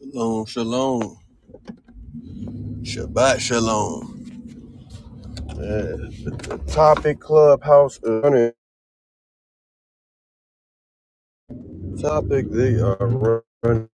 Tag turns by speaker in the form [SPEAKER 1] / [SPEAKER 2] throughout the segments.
[SPEAKER 1] Shalom, shalom. Shabbat shalom. Yeah. The topic clubhouse is running. Topic they are running.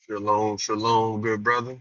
[SPEAKER 1] Shalom, shalom, good brother.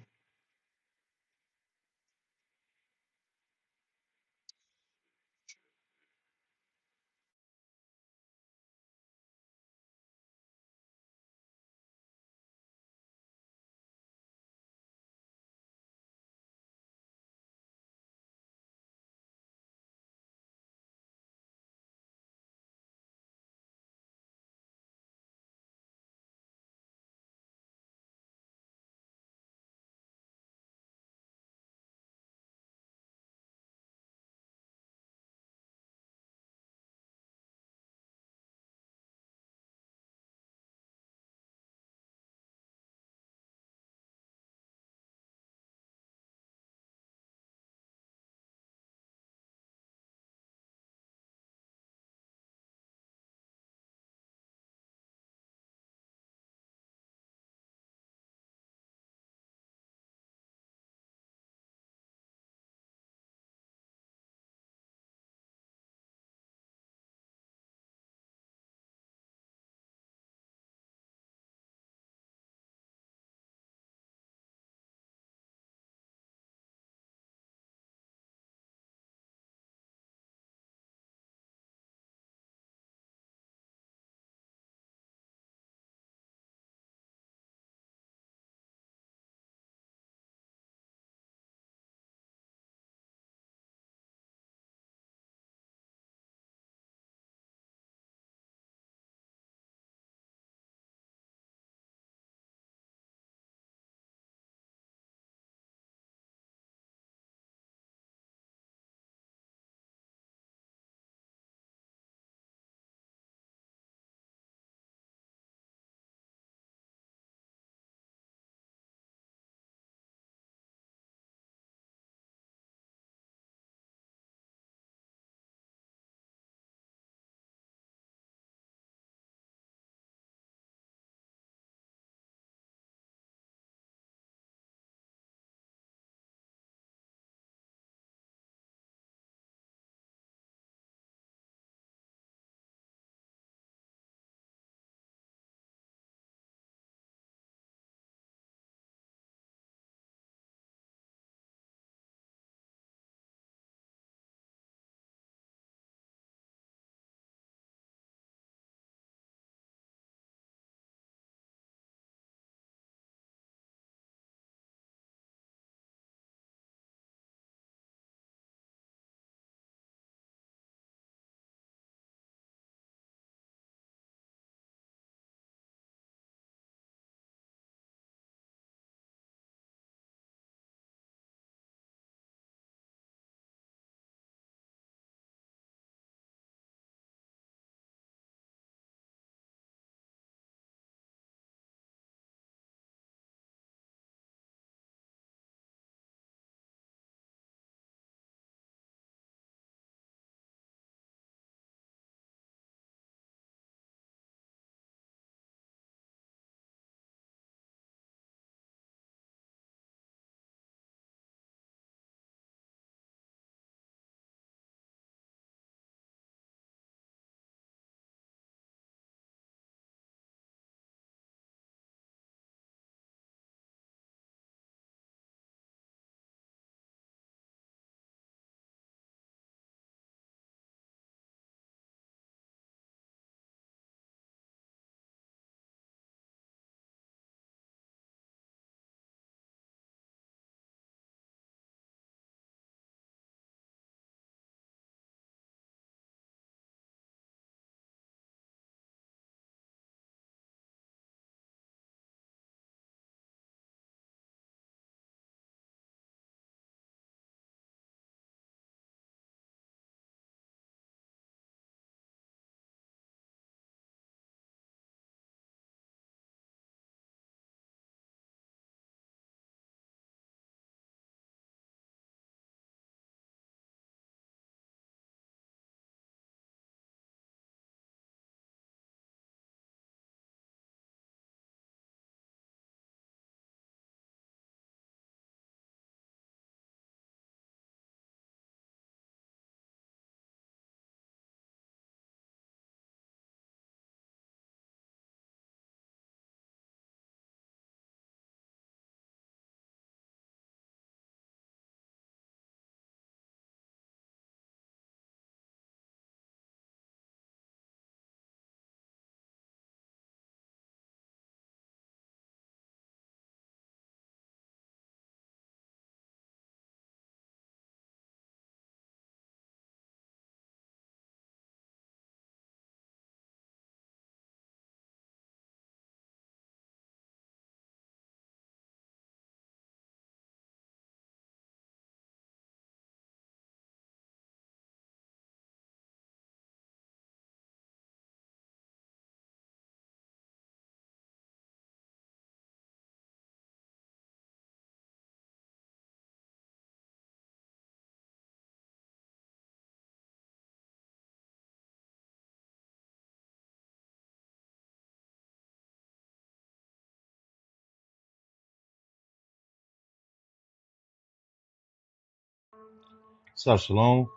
[SPEAKER 2] Sup, Shalom.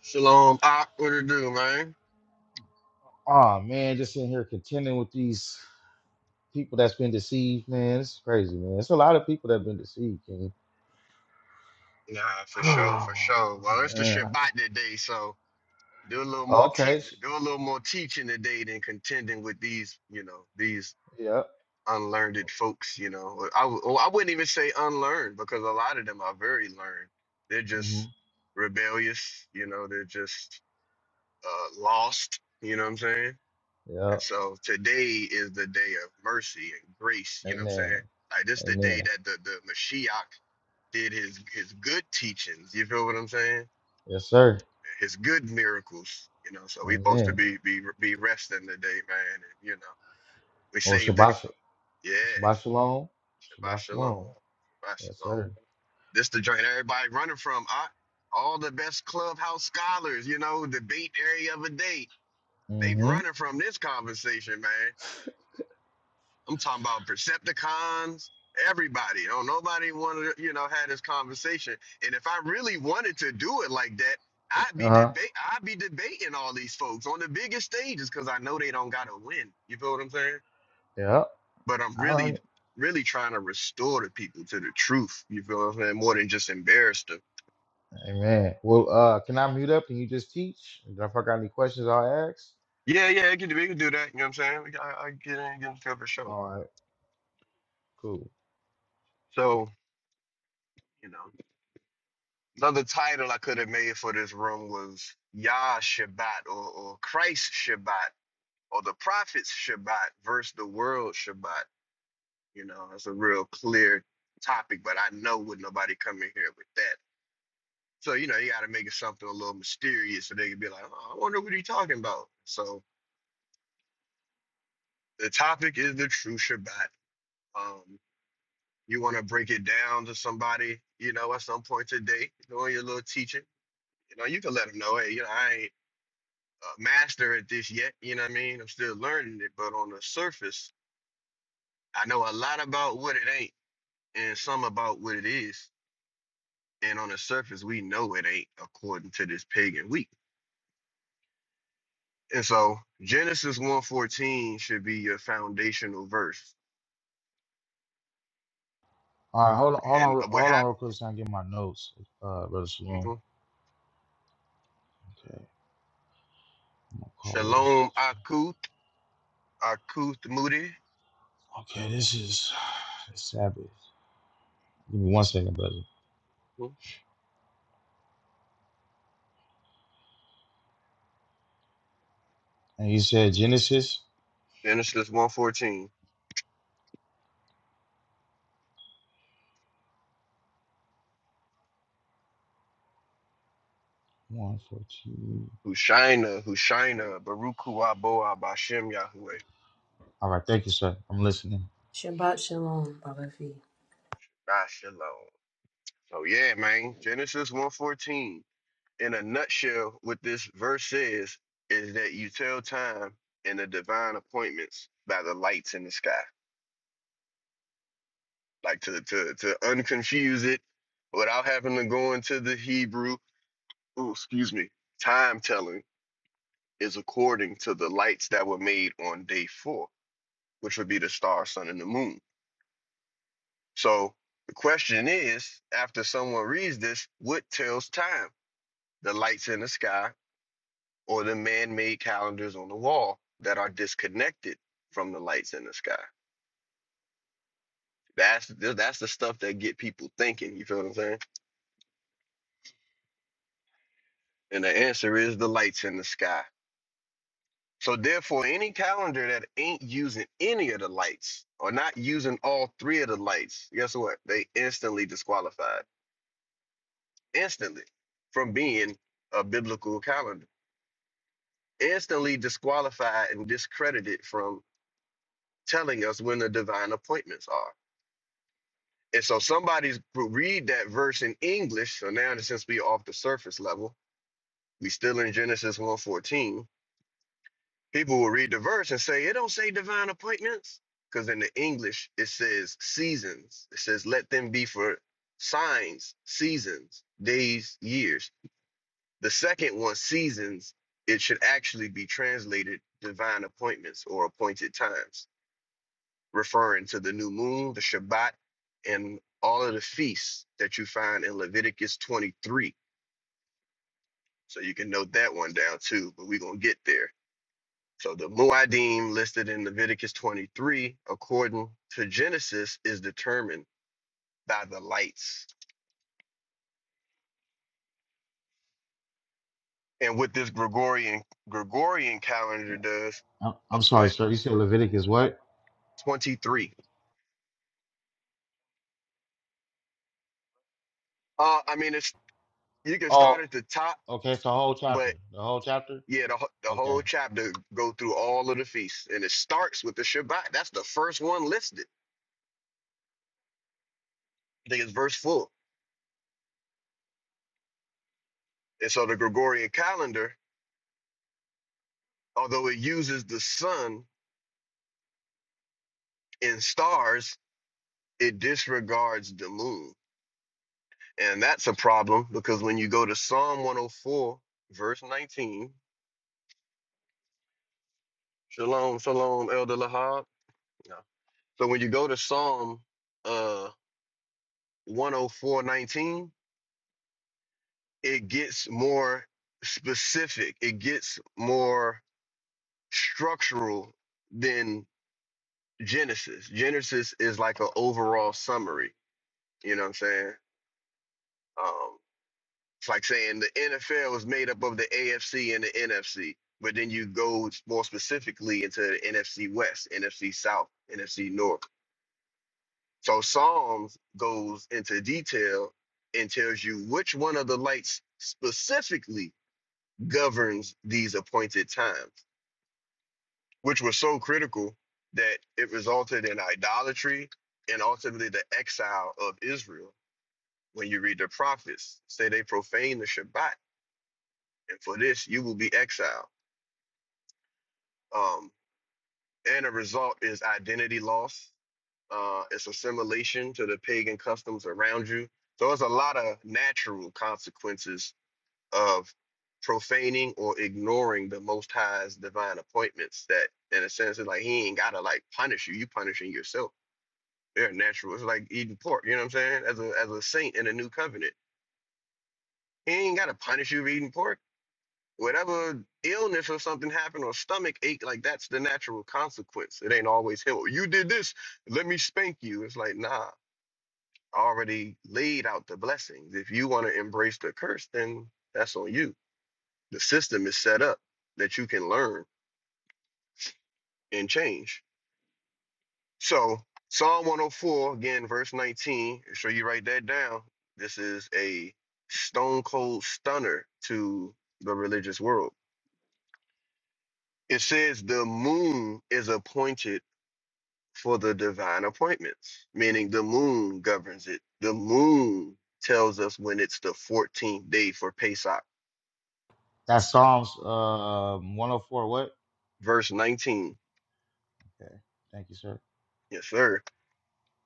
[SPEAKER 1] Shalom, ah, what it do, man?
[SPEAKER 2] Ah man, just in here contending with these people that's been deceived, man. It's crazy, man. It's a lot of people that have been deceived, King.
[SPEAKER 1] Nah, for sure, for sure. Well, it's the
[SPEAKER 2] Man,
[SPEAKER 1] Shabbat today, so do a little more te-
[SPEAKER 2] Okay. sh-
[SPEAKER 1] do a little more teaching today than contending with these, you know, these
[SPEAKER 2] Yep.
[SPEAKER 1] unlearned folks, you know. Or I w- or I wouldn't even say unlearned because a lot of them are very learned. They're
[SPEAKER 2] hmm
[SPEAKER 1] just rebellious, you know. They're just uh, lost, you know what I'm saying? And
[SPEAKER 2] Yep.
[SPEAKER 1] so today is the day of mercy and grace, you know what I'm
[SPEAKER 2] Amen.
[SPEAKER 1] saying? Like this the
[SPEAKER 2] Amen.
[SPEAKER 1] day that the the Mashiach did his his good teachings. You feel what I'm saying?
[SPEAKER 2] Yes, sir.
[SPEAKER 1] His good miracles. You know, so we supposed to
[SPEAKER 2] Amen.
[SPEAKER 1] be be be resting today, man. And, you know, we
[SPEAKER 2] Or
[SPEAKER 1] saved the
[SPEAKER 2] Shabbat, sh-
[SPEAKER 1] yeah.
[SPEAKER 2] Shabbat Shalom.
[SPEAKER 1] Shabbat
[SPEAKER 2] Shabbat
[SPEAKER 1] shalom.
[SPEAKER 2] Shalom.
[SPEAKER 1] Shabbat
[SPEAKER 2] Yes,
[SPEAKER 1] shalom.
[SPEAKER 2] sir.
[SPEAKER 1] This the joint everybody running from. I, all the best clubhouse scholars, you know, debate area of a day. They've
[SPEAKER 2] Mm-hmm.
[SPEAKER 1] running from this conversation, man. I'm talking about Percepticons, everybody. Don't nobody want to, you know, had this conversation. And if I really wanted to do it like that, I'd be
[SPEAKER 2] Uh-huh.
[SPEAKER 1] debate I'd be debating all these folks on the biggest stages because I know they don't gotta win. You feel what I'm saying?
[SPEAKER 2] Yep.
[SPEAKER 1] but I'm
[SPEAKER 2] I learned
[SPEAKER 1] really,
[SPEAKER 2] it.
[SPEAKER 1] really trying to restore the people to the truth. You feel what I'm saying? More than just embarrass them.
[SPEAKER 2] Amen. Well, uh, can I mute up and you just teach? And If I got any questions, I'll ask.
[SPEAKER 1] Yeah, yeah, it can we can do that. You know what I'm saying? We- I, I get in, get into it for sure.
[SPEAKER 2] All right. Cool.
[SPEAKER 1] So, you know, another title I could have made for this room was Yah Shabbat or, or Christ Shabbat or the Prophet's Shabbat versus the world Shabbat. You know, that's a real clear topic, but I know would nobody come in here with that. So, you know, you got to make it something a little mysterious so they can be like, oh, I wonder what he talking about. So, the topic is the true Shabbat. Um, you want to break it down to somebody, you know, at some point today, doing your little teaching. You know, you can let them know, hey, you know, I ain't a master at this yet. You know what I mean? I'm still learning it, but on the surface, I know a lot about what it ain't and some about what it is. And on the surface, we know it ain't according to this pagan week. And so Genesis one fourteen should be your foundational verse.
[SPEAKER 2] All right, hold on, hold
[SPEAKER 1] And
[SPEAKER 2] on,
[SPEAKER 1] what
[SPEAKER 2] hold on,
[SPEAKER 1] happened?
[SPEAKER 2] real quick. So I can get my notes, uh, brother Shalom.
[SPEAKER 1] Mhm.
[SPEAKER 2] Okay, I'm gonna call this.
[SPEAKER 1] Shalom Aku Akuth Moody,
[SPEAKER 2] Okay, this is the Sabbath. Give me one second, brother. And you said Genesis
[SPEAKER 1] Genesis 114.
[SPEAKER 2] one fourteen.
[SPEAKER 1] Hushina, Hushina, Baruch Hu Aboah Bashem Yahweh,
[SPEAKER 2] All right, thank you, sir. I'm listening.
[SPEAKER 3] Shabbat shalom, Baba V.
[SPEAKER 1] Nah Shalom. So yeah, man, Genesis 114. In a nutshell, what this verse says is that you tell time and the divine appointments by the lights in the sky. Like to to to unconfuse it without having to go into the Hebrew, ooh, excuse me, time telling is according to the lights that were made on day four. which would be the star, sun, and the moon. So the question is, after someone reads this, what tells time? The lights in the sky or the man-made calendars on the wall that are disconnected from the lights in the sky? That's that's the stuff that get people thinking. You feel what I'm saying? And the answer is the lights in the sky. So therefore, any calendar that ain't using any of the lights or not using all three of the lights, guess what? They instantly disqualified instantly from being a biblical calendar, instantly disqualified and discredited from telling us when the divine appointments are. And so somebody's read that verse in English. So now since we off the surface level, we still in Genesis one fourteen. People will read the verse and say, it don't say divine appointments. Because in the English, it says seasons. It says, let them be for signs, seasons, days, years The second one, seasons, it should actually be translated divine appointments or appointed times, referring to the new moon, the Shabbat, and all of the feasts that you find in Leviticus 23. So you can note that one down too, but we're going to get there. So the Muadim listed in Leviticus 23, according to Genesis, is determined by the lights. And what this Gregorian Gregorian calendar does,
[SPEAKER 2] I'm,
[SPEAKER 1] oh,
[SPEAKER 2] I'm
[SPEAKER 1] go
[SPEAKER 2] sorry,
[SPEAKER 1] ahead,
[SPEAKER 2] sir. You said Leviticus what?
[SPEAKER 1] 23. Uh, I mean, it's You can start
[SPEAKER 2] Oh,
[SPEAKER 1] at the top,
[SPEAKER 2] okay. It's the whole
[SPEAKER 1] but
[SPEAKER 2] chapter. The whole chapter.
[SPEAKER 1] yeah, the, wh- the
[SPEAKER 2] Okay,
[SPEAKER 1] whole chapter go through all of the feasts, and it starts with the Shabbat. That's the first one listed. I think it's verse four. And so the Gregorian calendar, although it uses the sun and stars, it disregards the moon, and that's a problem because when you go to Psalm 104, verse 19, Shalom, Shalom, Elder Lahab. No. So when you go to Psalm uh 104:19 it gets more specific, it gets more structural than Genesis. Genesis is like an overall summary. You know what I'm saying? Um, it's like saying the NFL is made up of the AFC and the NFC, but then you go more specifically into the NFC West, NFC South, NFC North. So Psalms goes into detail and tells you which one of the lights specifically governs these appointed times which was so critical that it resulted in idolatry and ultimately the exile of Israel. When you read the prophets, say they profane the Shabbat, and for this you will be exiled. Um, and a result is identity loss. Uh, it's assimilation to the pagan customs around you. So there's a lot of natural consequences of profaning or ignoring the Most High's divine appointments. That, in a sense, it's like He ain't gotta like punish you; you punishing yourself They're natural. It's like eating pork. You know what I'm saying? As a as a saint in a new covenant, he ain't gotta punish you for eating pork. Whatever illness or something happened or stomach ache, like that's the natural consequence. It ain't always him. "Oh, You did this. Let me spank you. It's like nah. I already laid out the blessings. If you want to embrace the curse, then that's on you. The system is set up that you can learn and change. So Psalm 104, again, verse 19. Make sure you write that down. This is a stone cold stunner to the religious world. It says the moon is appointed for the divine appointments, meaning the moon governs it. The moon tells us when it's the 14th day for Pesach.
[SPEAKER 2] that's Psalms uh 104. What?
[SPEAKER 1] Verse 19.
[SPEAKER 2] Okay, thank you, sir.
[SPEAKER 1] Yes, sir.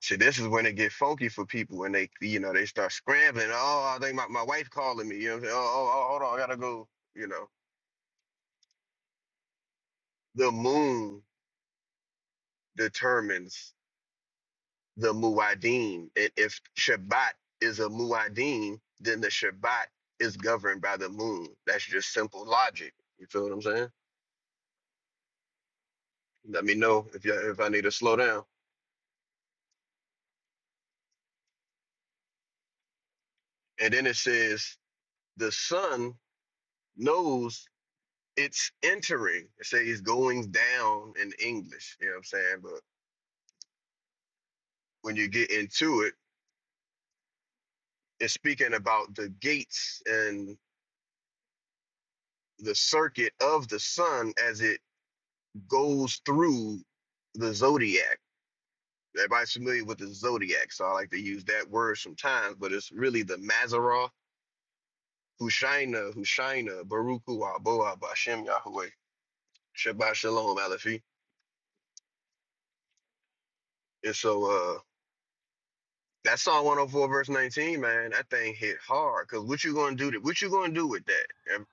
[SPEAKER 1] See, this is when it get funky for people when they, you know, they start scrambling. Oh, I think my, my wife calling me. You know, what I'm saying? oh, oh, oh, hold on, I gotta go. You know, the moon determines the muad'din, and if Shabbat is a muad'din, then the Shabbat is governed by the moon. That's just simple logic. You feel what I'm saying? Let me know if you if I need to slow down. And then it says the sun knows it's entering. It says it's going down in English. You know what I'm saying? But when you get into it, it's speaking about the gates and the circuit of the sun as it goes through the zodiac. Everybody's familiar with the zodiac, so I like to use that word sometimes, but it's really the Mazaroth, Hushaina, Hushaina, Baruchu, Aboa, Bashem, Yahweh, Shabbat Shalom, Alefi. And so uh, that Psalm 104, verse 19, man, that thing hit hard. Cause what you gonna do? what you gonna do with that?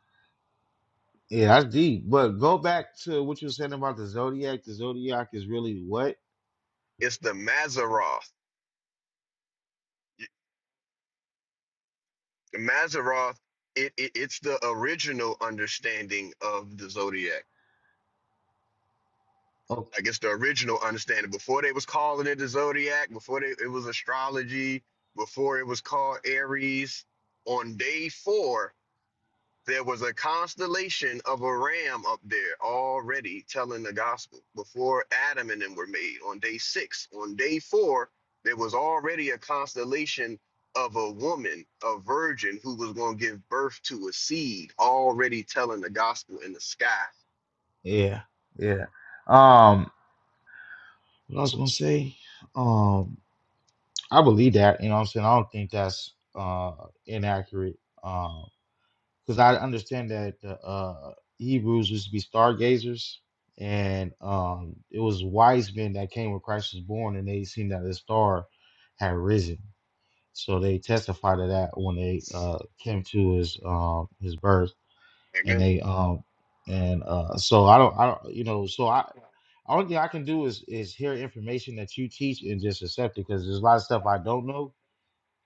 [SPEAKER 2] Yeah, that's deep. But go back to what you were saying about the zodiac. The zodiac is really what?
[SPEAKER 1] It's the Mazaroth. Maseroth, it, it it's the original understanding of the zodiac. I guess the original understanding before they was calling it the zodiac, before they, it was astrology, before it was called Aries. On day four, There was a constellation of a ram up there already telling the gospel before Adam and them were made on day six. On day four, there was already a constellation of a woman, a virgin who was going to give birth to a seed, already telling the gospel in the sky.
[SPEAKER 2] Yeah, yeah. Um, what I was gonna say, um, I believe that, you know what I'm saying? I don't think that's uh inaccurate. Um, because I understand that the uh Hebrews used to be stargazers, and um it was wise men that came when Christ was born and they seen that the star had risen. So they testified to that when they uh came to his um his birth. and
[SPEAKER 1] Amen.
[SPEAKER 2] they um and uh so I don't I don't you know so I only thing I can do is is hear information that you teach and just accept it because there's a lot of stuff I don't know,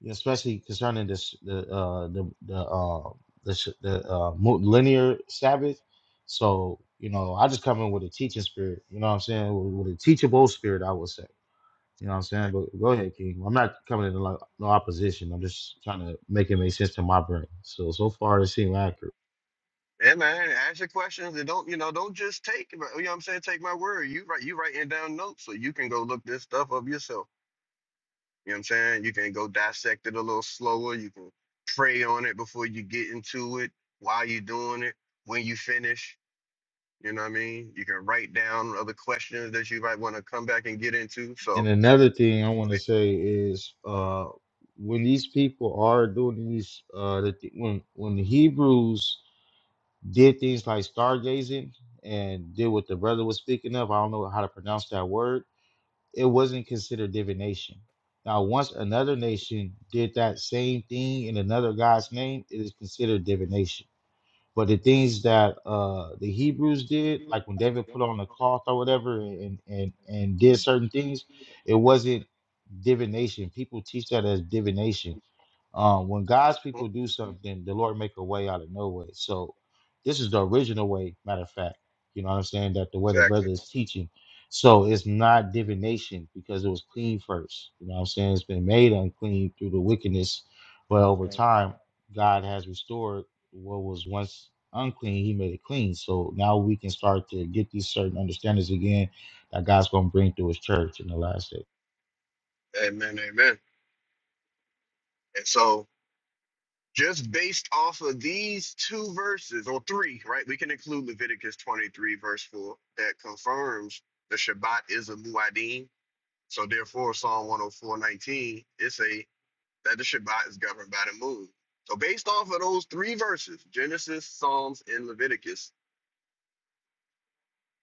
[SPEAKER 2] especially concerning this the uh the the uh the sh- the uh mu- linear Sabbath. So you know I just come in with a teaching spirit. You know what I'm saying with, with a teachable spirit I would say. You know what I'm saying. But go ahead, King. I'm not coming in like no opposition. I'm just trying to make it make sense to my brain. So so far it seems accurate.
[SPEAKER 1] Yeah, man. Ask your questions and don't, you know, don't just take, it, you know what I'm saying? Take my word. You write, you writing down notes so you can go look this stuff up yourself. You know what I'm saying? You can go dissect it a little slower. You can pray on it before you get into it, while you're doing it, when you finish. You know what I mean? You can write down other questions that you might want to come back and get into.
[SPEAKER 2] And
[SPEAKER 1] So,
[SPEAKER 2] another thing I want to say is uh, when these people are doing these, uh, the th- when when the Hebrews did things like stargazing and did what the brother was speaking of, I don't know how to pronounce that word. It wasn't considered divination. Now, once another nation did that same thing in another guy's name, it is considered divination. But the things that uh, the Hebrews did, like when David put on the cloth or whatever, and and and did certain things, it wasn't divination. People teach that as divination. Um, when God's
[SPEAKER 1] mhm,
[SPEAKER 2] people do something, the Lord make a way out of no way. So this is the original way, matter of fact. You know what I'm saying? That the way the
[SPEAKER 1] exactly.
[SPEAKER 2] brother is teaching. So it's not divination because it was clean first. You know what I'm saying? It's been made unclean through the wickedness. But over time, God has restored what was once unclean, he made it clean. So now we can start to get these certain understandings again that God's gonna bring through his church in the last
[SPEAKER 1] Amen, amen. And so, just based off of these two verses or three, right? We can include Leviticus 23, verse 4, that confirms the Shabbat is a muad'Dim. So, therefore, Psalm 104:19 it's a that the Shabbat is governed by the moon. So, based off of those three verses Genesis, Psalms, and Leviticus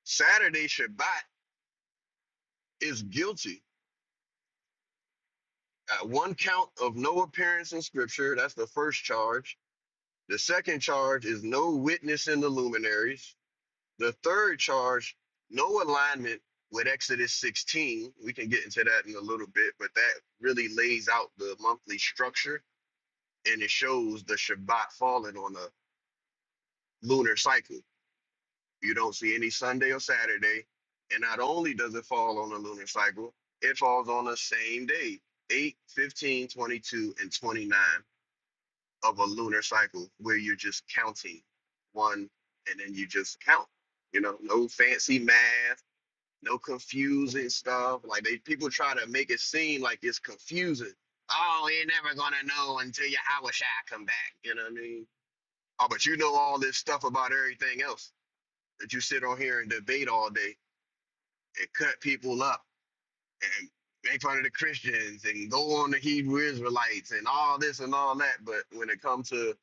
[SPEAKER 1] Saturday Shabbat is guilty at one count of no appearance in Scripture. That's the first charge. The second charge is no witness in the luminaries. The third charge, no alignment with Exodus 16. We can get into that in a little bit, but that really lays out the monthly structure and it shows the Shabbat falling on a lunar cycle. You don't see any Sunday or Saturday. And not only does it fall on the lunar cycle, it falls on the same day 8, 15, 22, and 29 of a lunar cycle where you're just counting one and then you just count. You know, no fancy math, no confusing stuff. Like they people try to make it seem like it's confusing. Oh, you're never gonna know until your Hawashai come back. You know what I mean? Oh, but you know all this stuff about everything else that you sit on here and debate all day and cut people up and make fun of the Christians and go on the Hebrew Israelites and all this and all that. But when it comes to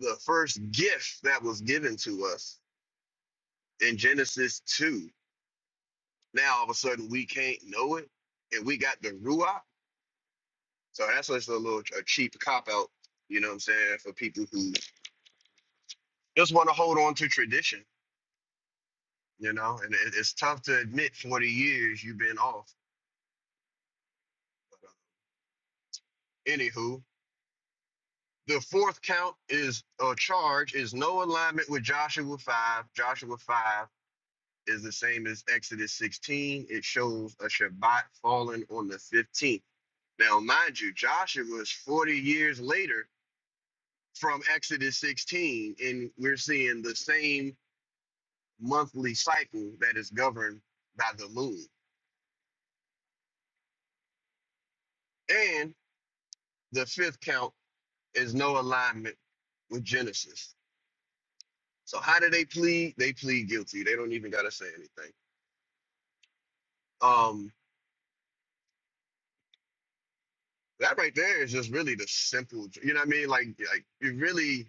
[SPEAKER 1] the first gift that was given to us in Genesis 2, now all of a sudden we can't know it and we got the Ruach. So that's just a little a cheap cop out, you know what I'm saying, for people who just want to hold on to tradition, you know, and it, it's tough to admit 40 years you've been off. But, uh, anywho, The fourth count is or charge is no alignment with Joshua 5. Joshua 5 is the same as Exodus 16. It shows a Shabbat falling on the 15th. Now, mind you, Joshua is 40 years later from Exodus 16, and we're seeing the same monthly cycle that is governed by the moon. And the fifth count is no alignment with Genesis. So how do they plead? They plead guilty. They don't even gotta say anything. Um, that right there is just really the simple you know what i mean like like you really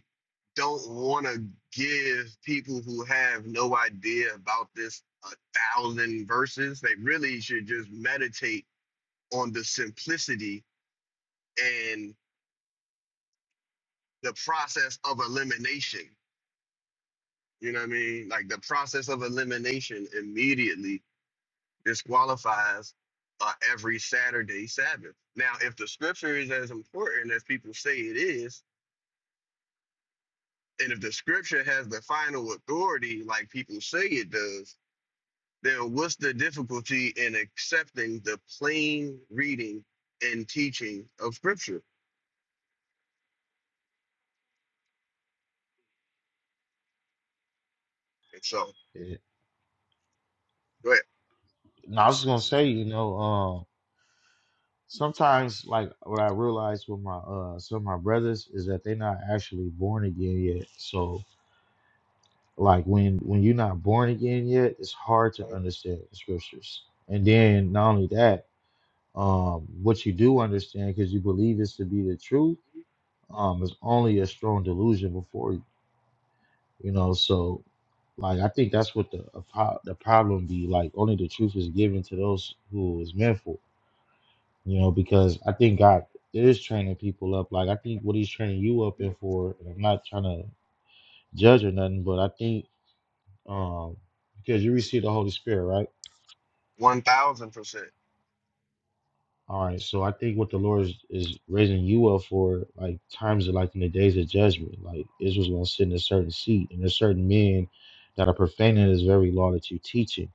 [SPEAKER 1] don't want to give people who have no idea about this a thousand verses they really should just meditate on the simplicity and the process of elimination you know what i mean like the process of elimination immediately disqualifies uh, every saturday sabbath now if the scripture is as important as people say it is And if the scripture has the final authority, like people say it does, then what's the difficulty in accepting the plain reading and teaching of scripture? And so,
[SPEAKER 2] day.
[SPEAKER 1] go ahead.
[SPEAKER 2] No, I was just gonna say, you know, um, sometimes like what I realize with my uh some of my brothers is that they're not actually born again yet. So like when when you're not born again yet, it's hard to understand the scriptures. And then not only that, um, what you do understand because you believe it's to be the truth, um, is only a strong delusion before you. You know, so like I think that's what the a po- the problem be. Like only the truth is given to those who is meant for. you know, because I think God is training people up. Like I think what He's training you up in for, and I'm not trying to judge or nothing, but I think um, because you receive the Holy Spirit, right?
[SPEAKER 1] 1000%.
[SPEAKER 2] All right, so I think what the Lord is, is raising you up for, like times of like in the days of judgment, like Israel's gonna sit in a certain seat, and there's certain men that are profaning this very law that you're teaching.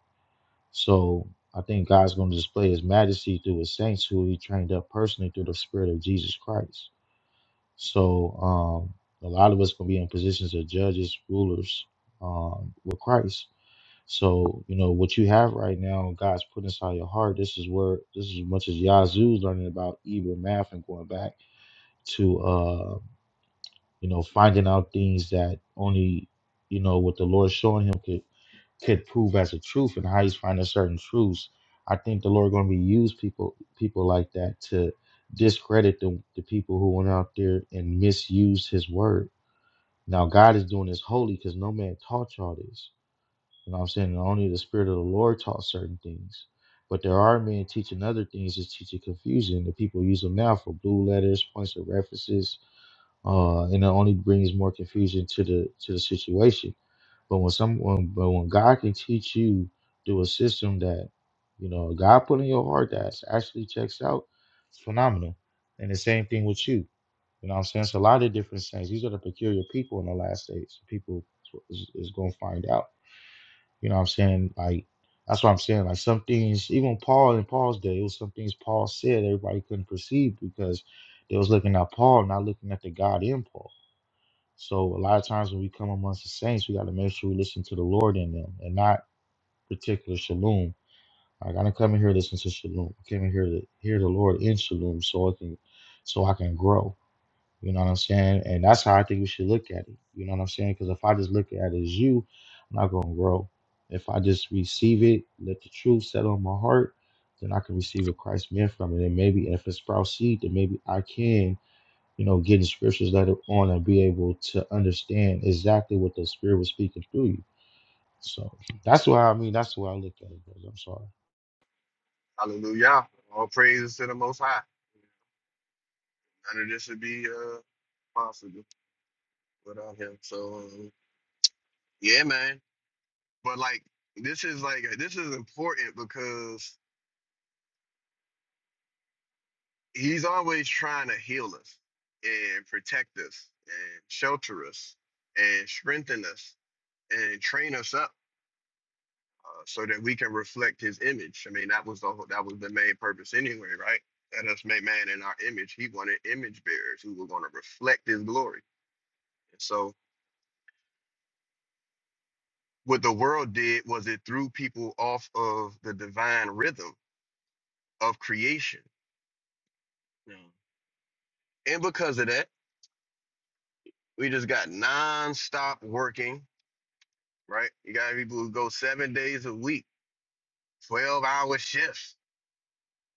[SPEAKER 2] So I think God's gonna display His majesty through His saints who He trained up personally through the Spirit of Jesus Christ. So um, a lot of us gonna be in positions of judges, rulers um, with Christ. So you know what you have right now, God's put inside your heart. This is where this is as much as Yazoo's learning about Hebrew math and going back to uh, you know finding out things that only you know what the Lord showing him could could prove as a truth and how he's finding certain truths. I think the Lord gonna be use people people like that to discredit the, the people who went out there and misused his word now God is doing this holy because no man taught y'all this. You know what I'm saying? And only the Spirit of the Lord taught certain things. But there are men teaching other things that's teaching confusion. The people use them now for blue letters, points of references, uh, and it only brings more confusion to the to the situation. But when someone, but when God can teach you through a system that you know God put in your heart that actually checks out, it's phenomenal. And the same thing with you. You know what I'm saying? It's a lot of different things. These are the peculiar people in the last days. People is, is going to find out. You know what I'm saying? Like, that's what I'm saying. Like, some things, even Paul in Paul's day, it was some things Paul said everybody couldn't perceive because they was looking at Paul, not looking at the God in Paul. So a lot of times when we come amongst the saints, we got to make sure we listen to the Lord in them and not particular shalom. Like I didn't come in here to listen to shalom. I came in here to hear the Lord in shalom, so I can, so I can grow. You know what I'm saying? And that's how I think we should look at it. You know what I'm saying? Because if I just look at it as you, I'm not gonna grow. If I just receive it, let the truth settle on my heart, then I can receive what Christ meant from it. And maybe if it sprouts seed, then maybe I can you know, getting scriptures later on and be able to understand exactly what the Spirit was speaking through you. So that's why I mean, that's why I look at it. Brother. I'm sorry.
[SPEAKER 1] Hallelujah. All praises to the Most High. None of this would be uh, possible without Him. So, um, yeah, man. But, like, this is like, this is important because he's always trying to heal us and protect us and shelter us and strengthen us and train us up uh, so that we can reflect his image. I mean, that was the whole, that was the main purpose anyway, right? That us made man in our image. He wanted image bearers who were going to reflect his glory. And so what the world did was it threw people off of the divine rhythm of creation. Yeah. And because of that, we just got nonstop working right? You got people who go seven days a week, 12 hour shifts.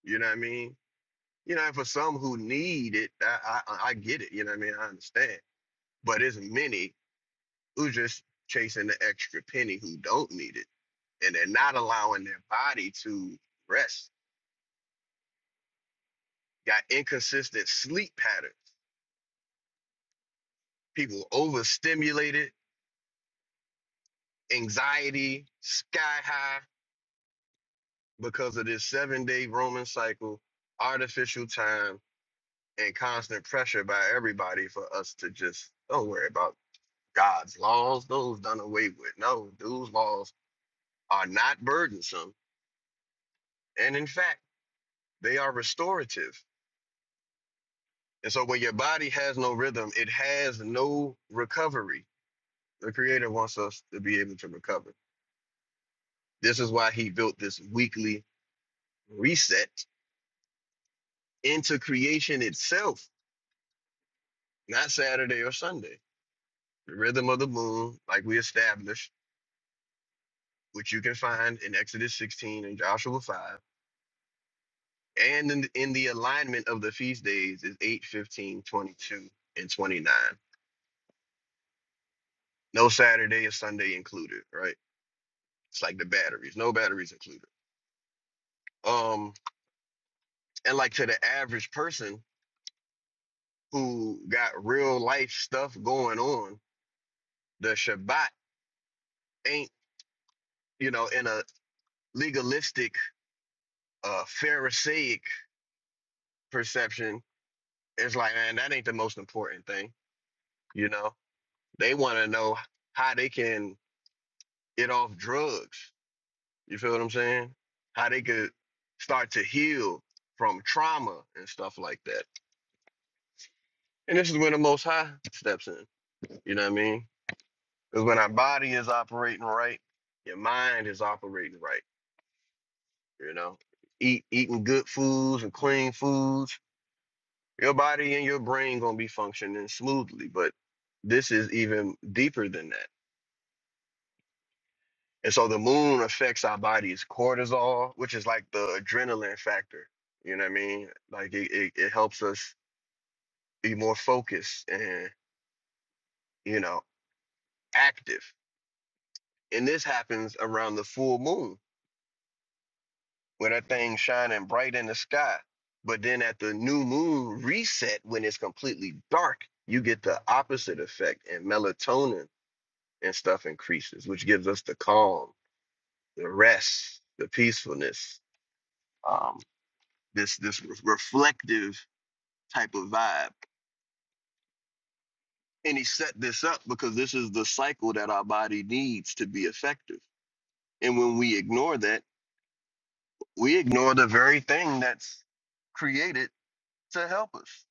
[SPEAKER 1] You know what I mean? You know, and for some who need it, I, I, I get it. You know what I mean? I understand. But there's many who just chasing the extra penny who don't need it. And they're not allowing their body to rest. Got inconsistent sleep patterns. People overstimulated, anxiety sky high because of this seven day Roman cycle, artificial time and constant pressure by everybody for us to just don't worry about God's laws. Those done away with. No, those laws are not burdensome. And in fact, they are restorative. And so when your body has no rhythm, it has no recovery. The Creator wants us to be able to recover. This is why He built this weekly reset into creation itself, not Saturday or Sunday. The rhythm of the moon, like we established which you can find in Exodus 16 and Joshua 5, and in the, in the alignment of the feast days is 8, 15, 22, and 29. No Saturday or Sunday included, right? It's like the batteries, no batteries included. Um, and like to the average person who got real life stuff going on, the Shabbat ain't, you know, in a legalistic, uh, Pharisaic perception, it's like, man, that ain't the most important thing, you know? They want to know how they can it off drugs. You feel what I'm saying? How they could start to heal from trauma and stuff like that. And this is when the Most High steps in. You know what I mean? Because when our body is operating right, your mind is operating right. You know, eat eating good foods and clean foods, your body and your brain gonna be functioning smoothly. But this is even deeper than that. And so the moon affects our body's cortisol, which is like the adrenaline factor. You know what I mean? Like it, it, it helps us be more focused and, you know, active. And this happens around the full moon where that thing's shining bright in the sky. But then at the new moon reset, when it's completely dark, you get the opposite effect and melatonin and stuff increases, which gives us the calm, the rest, the peacefulness. Um, this this re- reflective type of vibe. And he set this up because this is the cycle that our body needs to be effective. And when we ignore that, we ignore the very thing that's created to help us.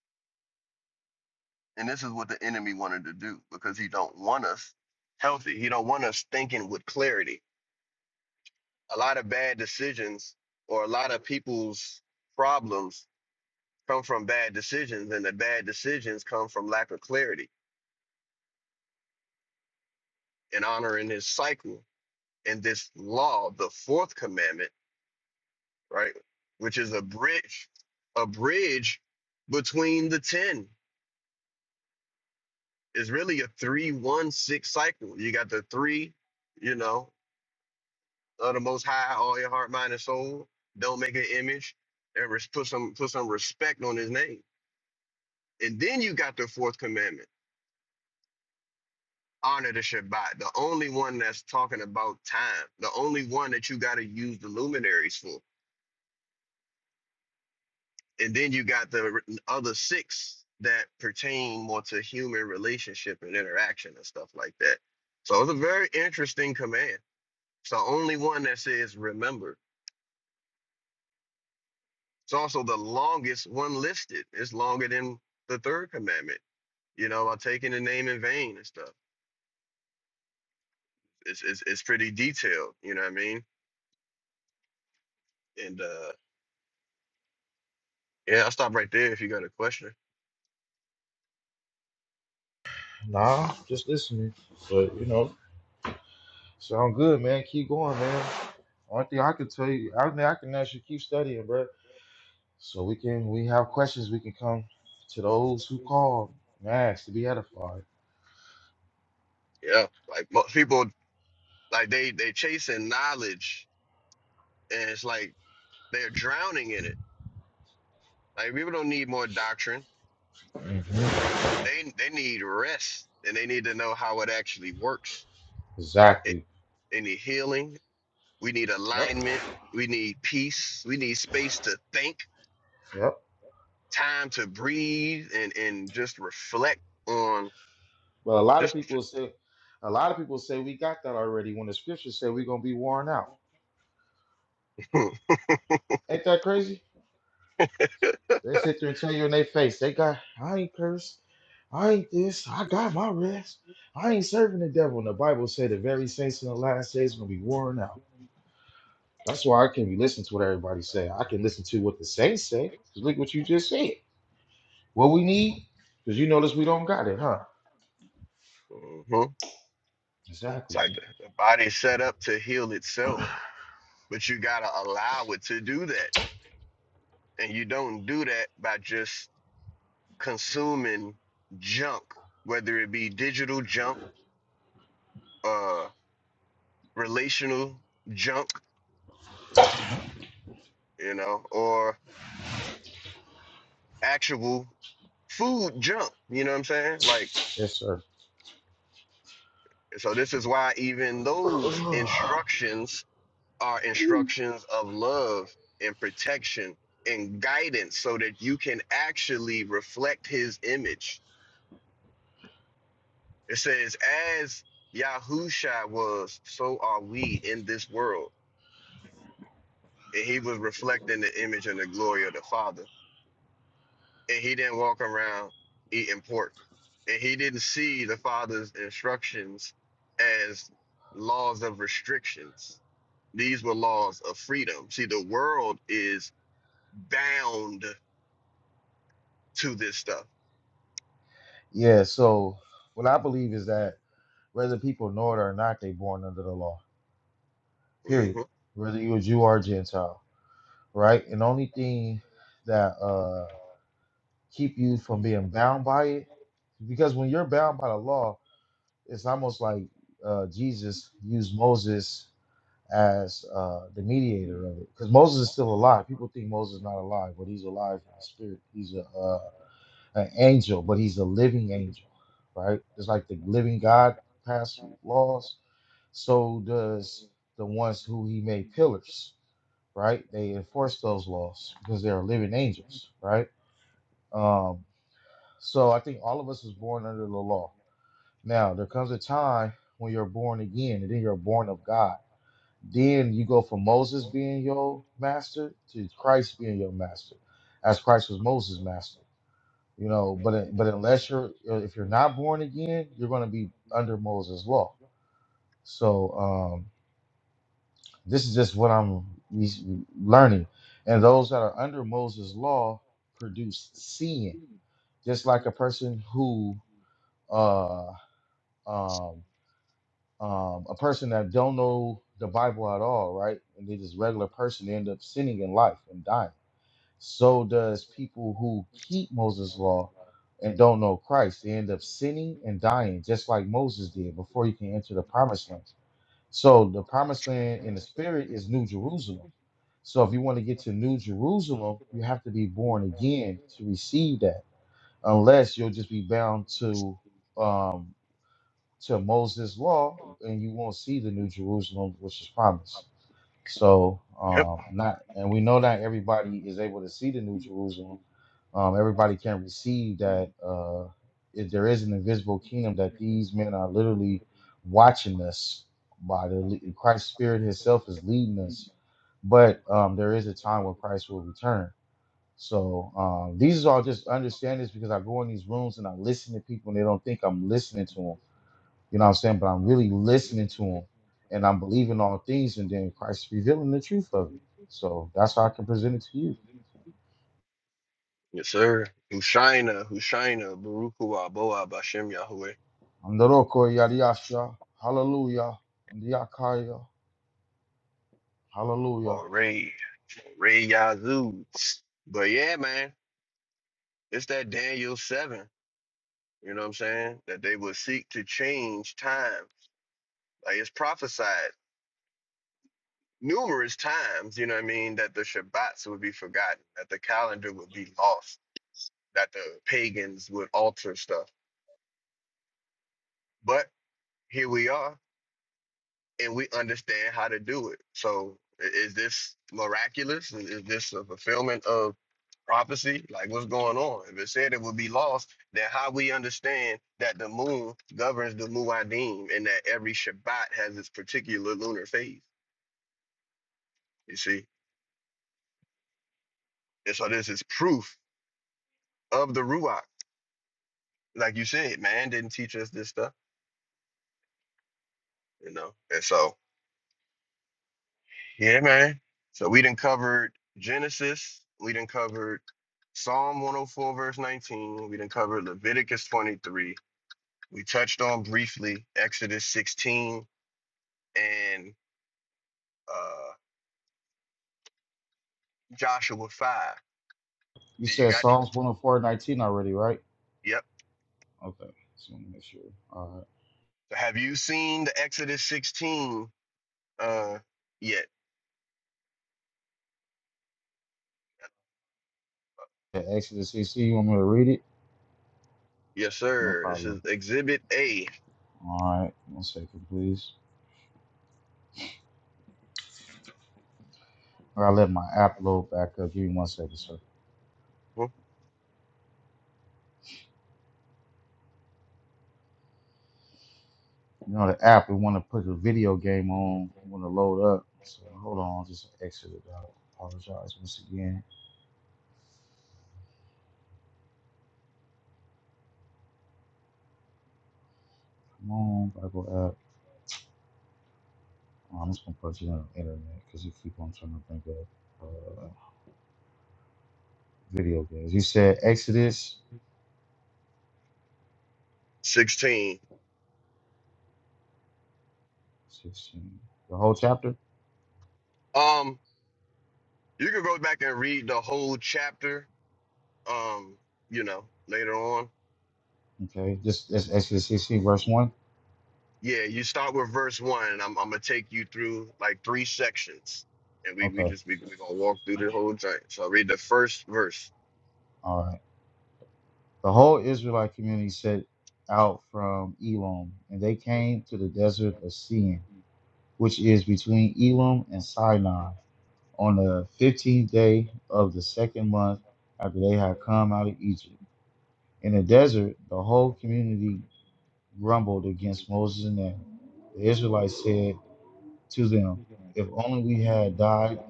[SPEAKER 1] And this is what the enemy wanted to do because he don't want us healthy. He don't want us thinking with clarity. A lot of bad decisions or a lot of people's problems come from bad decisions and the bad decisions come from lack of clarity and honoring his cycle and this law, the fourth commandment right? Which is a bridge, a bridge between the 10 is really a three, one, six cycle. You got the three, you know, of the most high, all your heart, mind, and soul. Don't make an image and res- put some put some respect on his name. And then you got the fourth commandment. Honor the Shabbat, the only one that's talking about time, the only one that you got to use the luminaries for. and then you got the other six that pertain more to human relationship and interaction and stuff like that. So it's a very interesting command. It's the only one that says remember. It's also the longest one listed. It's longer than the third commandment, you know, about taking the name in vain and stuff. It's it's, it's pretty detailed, you know what I mean? And uh yeah, I'll stop right there if you got a question.
[SPEAKER 2] Nah, just listening. But you know, sound good, man. Keep going, man. Only thing I can tell you, I mean, I can ask you keep studying, bro. So we can, we have questions. We can come to those who call and ask to be edified.
[SPEAKER 1] Yeah. Like most people like they they chasing knowledge and it's like they're drowning in it Like people don't need more doctrine.
[SPEAKER 2] Mhm.
[SPEAKER 1] They they need rest and they need to know how it actually works. It,
[SPEAKER 2] Exactly.
[SPEAKER 1] they need healing. We need
[SPEAKER 2] Yep.
[SPEAKER 1] alignment. We need peace. We need space to think,
[SPEAKER 2] Yep.
[SPEAKER 1] time to breathe, and and just reflect on
[SPEAKER 2] But a lot of
[SPEAKER 1] just.
[SPEAKER 2] people say, a lot of people say we got that already. When the scriptures say we're gonna be worn out. Ain't that crazy? They sit there and tell you in their face, they got, I ain't cursed. I ain't this. I got my rest. I ain't serving the devil. And the Bible said the very saints in the last days gonna be worn out. That's why I can be listening to what everybody say. I can listen to what the saints say. 'Cause look what you just said. What we need, because you notice we don't got it, huh?
[SPEAKER 1] Mhm. It's
[SPEAKER 2] Exactly.
[SPEAKER 1] like the the body's set up to heal itself,
[SPEAKER 2] yes,
[SPEAKER 1] but you gotta allow it to do that, and you don't do that by just consuming junk, whether it be digital junk uh. relational junk, you know, or actual food junk, you know what I'm saying? Like,
[SPEAKER 2] sir.
[SPEAKER 1] so this is why even those instructions are instructions of love and protection and guidance so that you can actually reflect his image. It says, as Yahusha was, so are we in this world. And he was reflecting the image and the glory of the Father. and he didn't walk around eating pork. And he didn't see the father's instructions as laws of restrictions. These were laws of freedom. See, the world is bound to this stuff.
[SPEAKER 2] yeah. So what I believe is that whether people know it or not, they born under the law. Period.
[SPEAKER 1] hmm
[SPEAKER 2] Whether you a Jew or a Gentile. right? And the only thing that uh keep you from being bound by it, because when you're bound by the law, it's almost like uh Jesus used Moses as uh the mediator of it. Because Moses is still alive. People think Moses is not alive, but he's alive in the spirit. He's a uh, an angel, but he's a living angel, right? It's like the living God passed laws. So does the ones who he made pillars right? They enforce those laws because they are living angels, right? Um, so I think all of us is born under the law. Now there comes a time when you're born again, and then you're born of God. Then you go from Moses being your master to Christ being your master, as Christ was Moses' master. You know, but but unless you're if you're not born again, you're going to be under Moses' law. So um, This is just what I'm res- learning. And those that are under Moses' law produce sin, just like a person who, uh, um, um, a person that don't know the Bible at all, right? And they just regular person they end up sinning in life and dying. So does people who keep Moses' law and don't know Christ. They end up sinning and dying, just like Moses did before he can enter the promised land. So the promised land in the spirit is New Jerusalem. So if you want to get to New Jerusalem, you have to be born again to receive that, unless you'll just be bound to um, to Moses' law and you won't see the New Jerusalem, which is promised. So
[SPEAKER 1] Yep.
[SPEAKER 2] um, not, and we know not everybody is able to see the New Jerusalem. Um, everybody can receive that. Uh, if there is an invisible kingdom, that these men are literally watching us. By the le- Christ Spirit Himself is leading us, but um, there is a time where Christ will return. So um, these are all just understandings because I go in these rooms and I listen to people and they don't think I'm listening to them you know what I'm saying? But I'm really listening to him and I'm believing all things, and then Christ is revealing the truth of it. So that's how I can present it to you.
[SPEAKER 1] Yes, sir. Hushaina, Hushaina, Baruch Hu Aboa, Bashem Yahweh,
[SPEAKER 2] Andoroko yadiasha. Hallelujah. Andiakaya. Hallelujah.
[SPEAKER 1] Moray, Moray Yazoo. But yeah, man, it's that Daniel 7, you know what I'm saying? That they will seek to change time Like it's prophesied numerous times, you know what I mean, that the Shabbats would be forgotten, that the calendar would be lost, that the pagans would alter stuff. But here we are, and we understand how to do it. So i- is this miraculous? Is is this a fulfillment of prophecy? Like what's going on? If it said it would be lost, then how we understand that the moon governs the Muad'Dim and that every Shabbat has its particular lunar phase. You see? And so this is proof of the Ruach. like you said, man didn't teach us this stuff, you know. And so, yeah, man. So we didn't covered Genesis. We didn't covered Psalm 104 verse 19. We didn't cover Leviticus 23. We touched on briefly Exodus 16 and uh, Joshua 5.
[SPEAKER 2] You
[SPEAKER 1] Yeah, You
[SPEAKER 2] said
[SPEAKER 1] got
[SPEAKER 2] Psalms 104:19 already, right?
[SPEAKER 1] yep.
[SPEAKER 2] Okay. So let me make sure. All right.
[SPEAKER 1] So have you seen the Exodus 16 uh, yet?
[SPEAKER 2] Yeah, Exodus 16, you want me to read it?
[SPEAKER 1] Yes,
[SPEAKER 2] No
[SPEAKER 1] sir. This is
[SPEAKER 2] problem.
[SPEAKER 1] Exhibit A
[SPEAKER 2] All right. One second, please. I gotta let my app load back up. Give me one second, sir. You know, the app, We want to put the video game on want to load up. So hold on, just exit it out. Apologize once again. Come on, Bible app. Oh, I'm just gonna put you on the internet because you keep on trying to think of uh, video games. You said Exodus
[SPEAKER 1] 16.
[SPEAKER 2] 16, the whole chapter.
[SPEAKER 1] Um, You can go back and read the whole chapter. Um, you know, later on.
[SPEAKER 2] Okay, just that's Exodus 16, verse one.
[SPEAKER 1] Yeah, you start with verse one, and I'm I'm gonna take you through like three sections, and we we
[SPEAKER 2] Okay,
[SPEAKER 1] just we we gonna walk through the whole thing. So i read the first verse.
[SPEAKER 2] all right. The whole Israelite community set out from Elam, and they came to the desert of Sin, which is between Elam and Sinai on the fifteenth day of the second month after they had come out of Egypt. In the desert, the whole community grumbled against Moses and Aaron. The Israelites said to them, If only we had died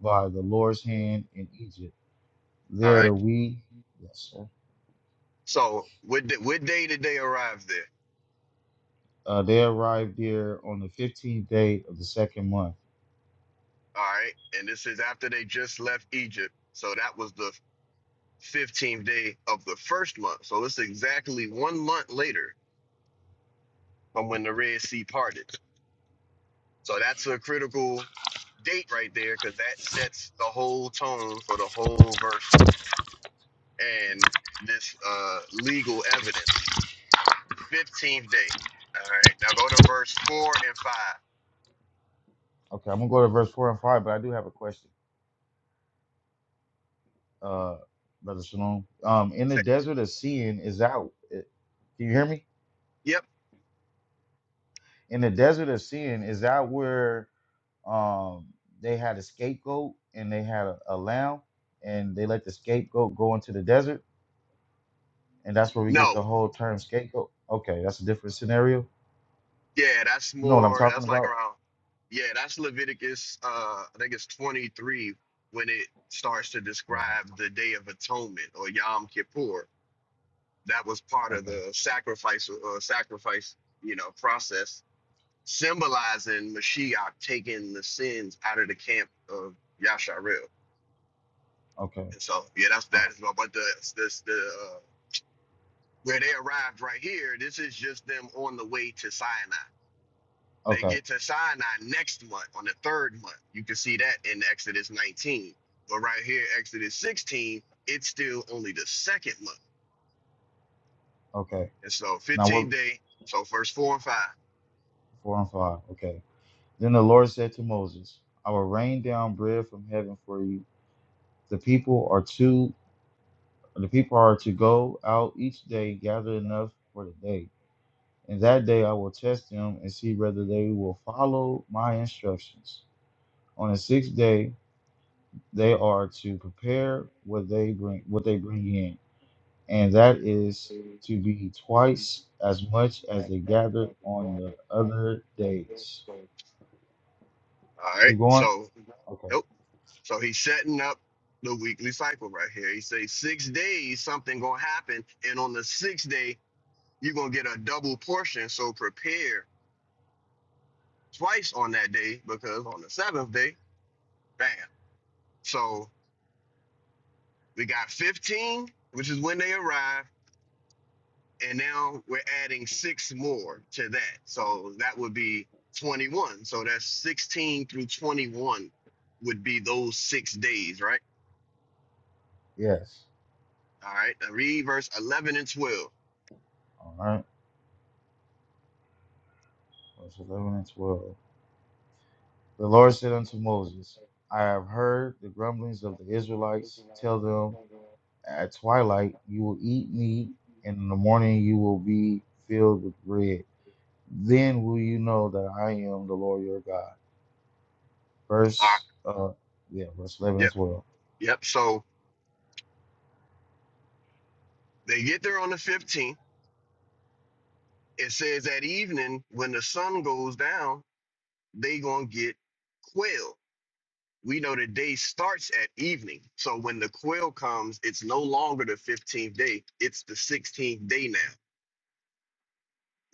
[SPEAKER 2] by the Lord's hand in Egypt.
[SPEAKER 1] All right.
[SPEAKER 2] There we, yes, sir.
[SPEAKER 1] So what da- what day did they arrive there?
[SPEAKER 2] Uh, they arrived there on the 15th day of the second month.
[SPEAKER 1] All right, and this is after they just left Egypt. So that was the fifteenth day of the first month. So it's exactly one month later from when the Red Sea parted. So that's a critical date right there because that sets the whole tone for the whole verse and this uh, legal evidence. 15th day. All right. Now go to verse 4 and 5.
[SPEAKER 2] Okay, I'm gonna go to verse four and five, but I do have a question, uh, brother Shalom. Um, in the
[SPEAKER 1] Say-
[SPEAKER 2] desert of sin, is that? Can you hear me?
[SPEAKER 1] Yep.
[SPEAKER 2] in the desert of sin is that where um they had a scapegoat and they had a, a lamb and they let the scapegoat go into the desert and that's where we get the
[SPEAKER 1] No.
[SPEAKER 2] whole term scapegoat okay that's a different scenario
[SPEAKER 1] Yeah, that's
[SPEAKER 2] you know what i'm
[SPEAKER 1] more,
[SPEAKER 2] talking
[SPEAKER 1] that's like
[SPEAKER 2] about
[SPEAKER 1] around, yeah, that's Leviticus, uh, I think it's 23 when it starts to
[SPEAKER 2] all
[SPEAKER 1] describe the Day of Atonement or Yom Kippur. That was part
[SPEAKER 2] right
[SPEAKER 1] of
[SPEAKER 2] okay
[SPEAKER 1] the sacrifice, uh, sacrifice, you know, process symbolizing Mashiach taking the sins out of the camp of Yasharel.
[SPEAKER 2] okay
[SPEAKER 1] And so, yeah, that's
[SPEAKER 2] uh,
[SPEAKER 1] that is what. But the this the uh, where they arrived right here. This is just them on the way to Sinai. They
[SPEAKER 2] okay
[SPEAKER 1] get to Sinai next month on the third month. You can see that in Exodus 19. But right here, Exodus 16, it's still only the second month.
[SPEAKER 2] okay
[SPEAKER 1] And so,
[SPEAKER 2] now what
[SPEAKER 1] 15 day. So first four and five.
[SPEAKER 2] four and five okay then the lord said to moses i will rain down bread from heaven for you the people are to the people are to go out each day gather enough for the day And that day I will test them and see whether they will follow my instructions. On the sixth day, they are to prepare what they bring what they bring in, and that is to be twice as much as they gathered on the other days.
[SPEAKER 1] All right.
[SPEAKER 2] Keep going?
[SPEAKER 1] So
[SPEAKER 2] Okay.
[SPEAKER 1] nope. So he's setting up the weekly cycle right here. He says six days something gonna happen, and on the sixth day you're gonna get a double portion. So prepare twice on that day because on the seventh day, bam. So we got 15, which is when they arrive, and now we're adding six more to that. So that would be 21. So that's 16 through 21 would be those six days, right?
[SPEAKER 2] Yes.
[SPEAKER 1] All right. Now Read verse 11 and 12. All
[SPEAKER 2] All right. Verse 11 and 12. The Lord said unto Moses, I have heard the grumblings of the Israelites. Tell them At twilight, you will eat meat, and in the morning, you will be filled with bread. Then will you know that I am the Lord your God.
[SPEAKER 1] right.
[SPEAKER 2] Verse, uh, yeah, verse 11
[SPEAKER 1] Yep.
[SPEAKER 2] and 12.
[SPEAKER 1] Yep. So they get there on the 15th. It says that evening when the sun goes down, they gonna get quail. We know the day starts at evening. So when the quail comes, it's no longer the 15th day. It's the 16th day now.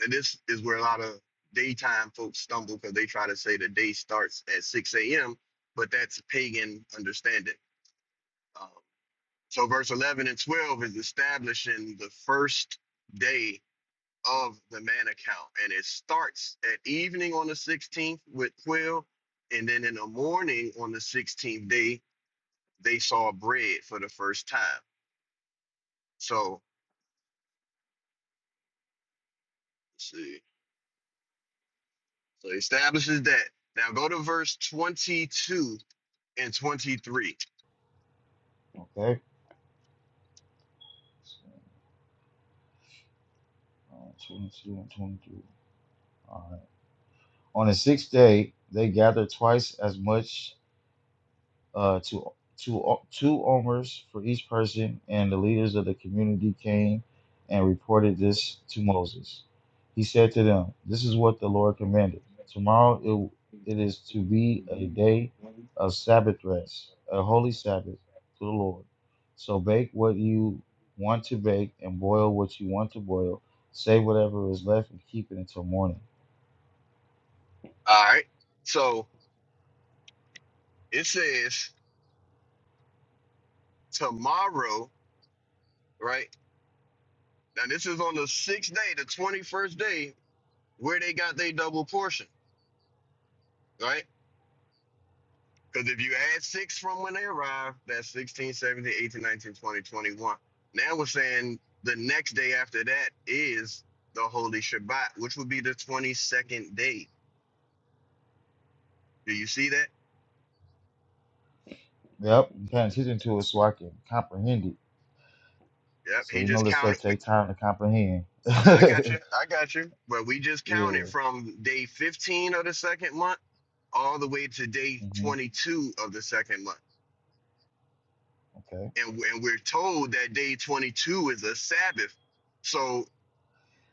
[SPEAKER 1] And this is where a lot of daytime folks stumble because they try to say the day starts at 6 a.m., but that's pagan understanding. Um, so verse 11 and 12 is establishing the first day of the man account. And it starts at evening on the 16th with quail. And then in the morning on the 16th day, they saw bread for the first time. So, let's see. So it establishes that. Now go to verse 22 and 23.
[SPEAKER 2] Okay. so, Uh, 22 and 23. All right. On the sixth day, they gathered twice as much uh, two two o- two omers for each person, and the leaders of the community came and reported this to Moses. He said to them, "This is what the Lord commanded. Tomorrow it, it is to be a day of Sabbath rest, a holy Sabbath to the Lord. So bake what you want to bake and boil what you want to boil. Save whatever is left and keep it until morning."
[SPEAKER 1] All right. So it says, tomorrow, right? Now this is on the sixth day, the 21st day, where they got their double portion, right? Because if you add six from when they arrived, that's 16, 17, 18, 19, 20, 21. Now we're saying the next day after that is the Holy Shabbat, which would be the 22nd day. Do you see that?
[SPEAKER 2] Yep, paying attention to it so I can comprehend it
[SPEAKER 1] Yep.
[SPEAKER 2] So
[SPEAKER 1] He
[SPEAKER 2] you
[SPEAKER 1] just
[SPEAKER 2] know this
[SPEAKER 1] counted.
[SPEAKER 2] stuff takes time to comprehend.
[SPEAKER 1] I got you. I got you. But we just
[SPEAKER 2] yeah.
[SPEAKER 1] counted from day 15 of the second month all the way to day
[SPEAKER 2] hmm
[SPEAKER 1] 22 of the second month.
[SPEAKER 2] Okay.
[SPEAKER 1] And, and we're told that day 22 is a Sabbath. So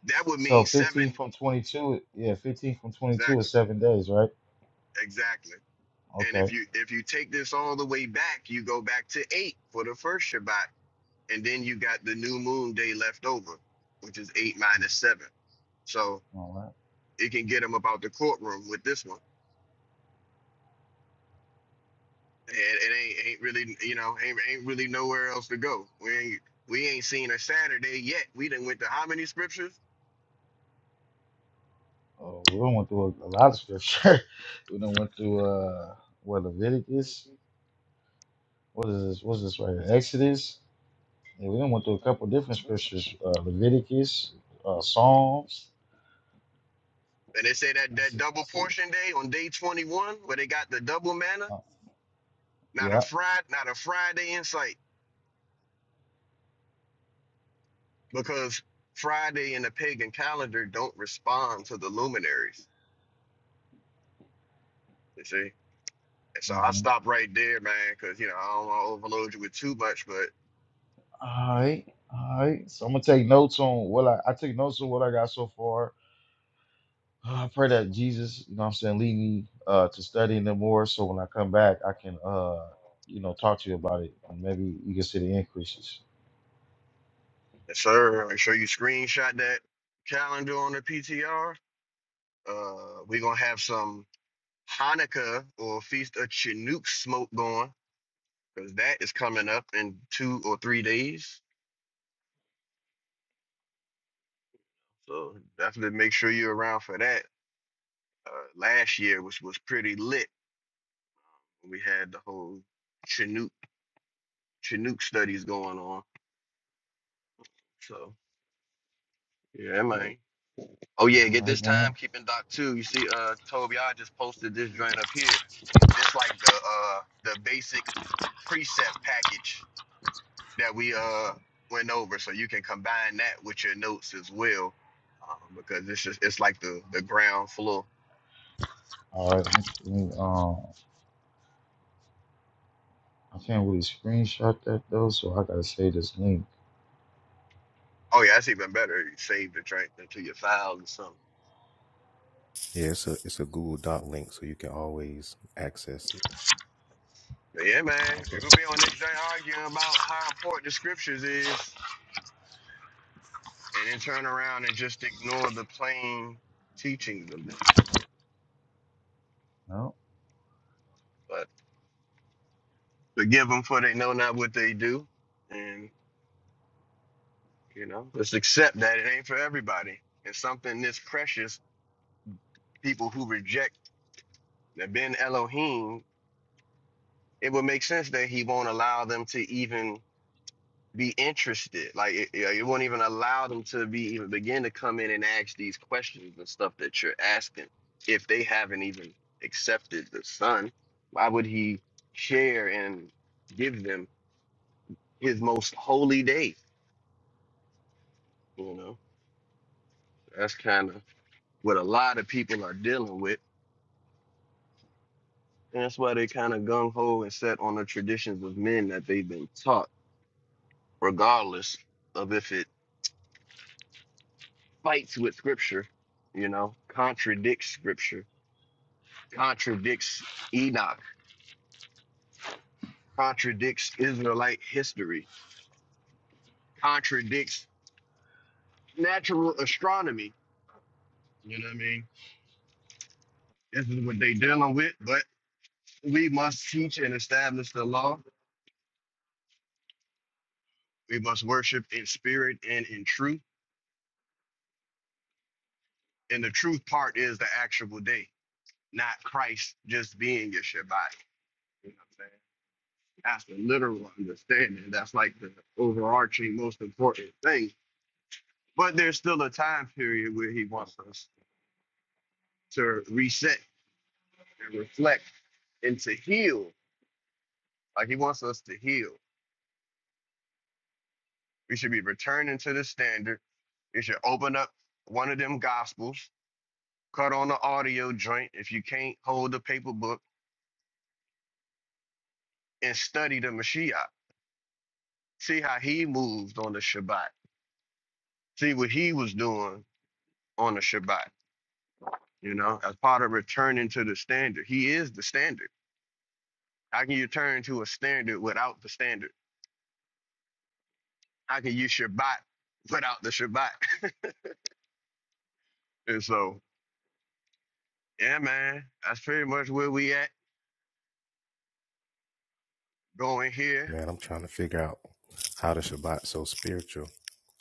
[SPEAKER 1] that
[SPEAKER 2] S-
[SPEAKER 1] would
[SPEAKER 2] So
[SPEAKER 1] mean
[SPEAKER 2] 15
[SPEAKER 1] seven.
[SPEAKER 2] from 22, yeah, 15 from 22
[SPEAKER 1] Exactly.
[SPEAKER 2] is seven days, right?
[SPEAKER 1] Exactly. And if
[SPEAKER 2] Okay.
[SPEAKER 1] you if you take this all the way back, you go back to eight for the first Shabbat, and then you got the new moon day left over, which is eight
[SPEAKER 2] Mm,
[SPEAKER 1] minus seven. So
[SPEAKER 2] All right.
[SPEAKER 1] it can get them about the courtroom with this one. And it ain't ain't really you know ain't ain't really nowhere else to go. We ain't we ain't seen a Saturday yet. We done went to how many scriptures?
[SPEAKER 2] Oh, we done went through a, a lot of scripture. we done went through uh, what Leviticus. What is this? What's this right here? Exodus. Yeah, we done went through a couple different scriptures. Uh, Leviticus, uh, Psalms.
[SPEAKER 1] And they say that
[SPEAKER 2] I
[SPEAKER 1] that
[SPEAKER 2] see. I
[SPEAKER 1] double
[SPEAKER 2] see.
[SPEAKER 1] portion day on day twenty one, where they got the double manna.
[SPEAKER 2] Uh,
[SPEAKER 1] Not a
[SPEAKER 2] yeah.
[SPEAKER 1] Friday, not a Friday in sight. because Friday in the pagan calendar don't respond to the luminaries. You see, and so I
[SPEAKER 2] Mm-hmm.
[SPEAKER 1] stop right there, man, because you know I don't want to overload you with too much. But
[SPEAKER 2] All right, all right. So I'm gonna take notes on what I, I take notes on what I got so far. Uh, I pray that Jesus, you know, what I'm saying, lead me uh, to studying them more, so when I come back, I can, uh, you know, talk to you about it, and maybe you can see the increases.
[SPEAKER 1] yes, sir, make sure you screenshot that calendar on the PTR. Uh, we're gonna have some Hanukkah or Feast of Chinook smoke going because that is coming up in two or three days. So definitely make sure you're around for that. Uh, last year was was pretty lit. We had the whole Chinook Chinook studies going on. So yeah, man. Oh yeah,
[SPEAKER 2] All
[SPEAKER 1] get this
[SPEAKER 2] right,
[SPEAKER 1] time
[SPEAKER 2] man.
[SPEAKER 1] keeping doc too. You see, uh, Toby, I just posted this joint up here. This like the uh the basic precept package that we
[SPEAKER 2] Let me
[SPEAKER 1] uh
[SPEAKER 2] see.
[SPEAKER 1] went over, so you can combine that with your notes as well, um, because it's just it's like the the ground floor.
[SPEAKER 2] All right, let me, um, I can't really screenshot that though, so I gotta save this link.
[SPEAKER 1] Oh yeah, that's even better. You save the joint into your files or something.
[SPEAKER 4] Yeah, it's a it's a Google Doc link, so you can always access it.
[SPEAKER 1] But yeah, man, it will be on this joint arguing about how important the scriptures is. and then turn around and just ignore the plain teachings of them.
[SPEAKER 2] No,
[SPEAKER 1] But forgive them for they know not what they do. And, you know, just accept that it ain't for everybody. It's something this precious, people who reject the Ben Elohim, it would make sense that he won't allow them to even be interested. Like it, it it won't even allow them to be even begin to come in and ask these questions and stuff that you're asking if they haven't even accepted the son. Why would he share and give them his most holy day? You know, that's kind of what a lot of people are dealing with. And that's why they kind of gung ho and set on the traditions of men that they've been taught, regardless of if it fights with scripture, you know, contradicts scripture contradicts Enoch, contradicts Israelite history, contradicts natural astronomy. You know what I mean? This is what they dealing with, but we must teach and establish the law. We must worship in spirit and in truth. And the truth part is the actual day, not Christ just being your Shabbat. You know what I'm saying? That's the literal understanding. That's like the overarching, most important thing. But there's still a time period where he wants us to reset and reflect and to heal. Like he wants us to heal. We should be returning to the standard. You should open up one of them gospels, cut on the audio joint if you can't hold the paper book, and study the Mashiach. See how he moved on the Shabbat. See what he was doing on the Shabbat. You know, as part of returning to the standard, he is the standard. How can you turn to a standard without the standard? How can you Shabbat without the Shabbat? And so Yeah, man. That's pretty much where we at going here,
[SPEAKER 4] Man, I'm trying to figure out how the Shabbat so spiritual.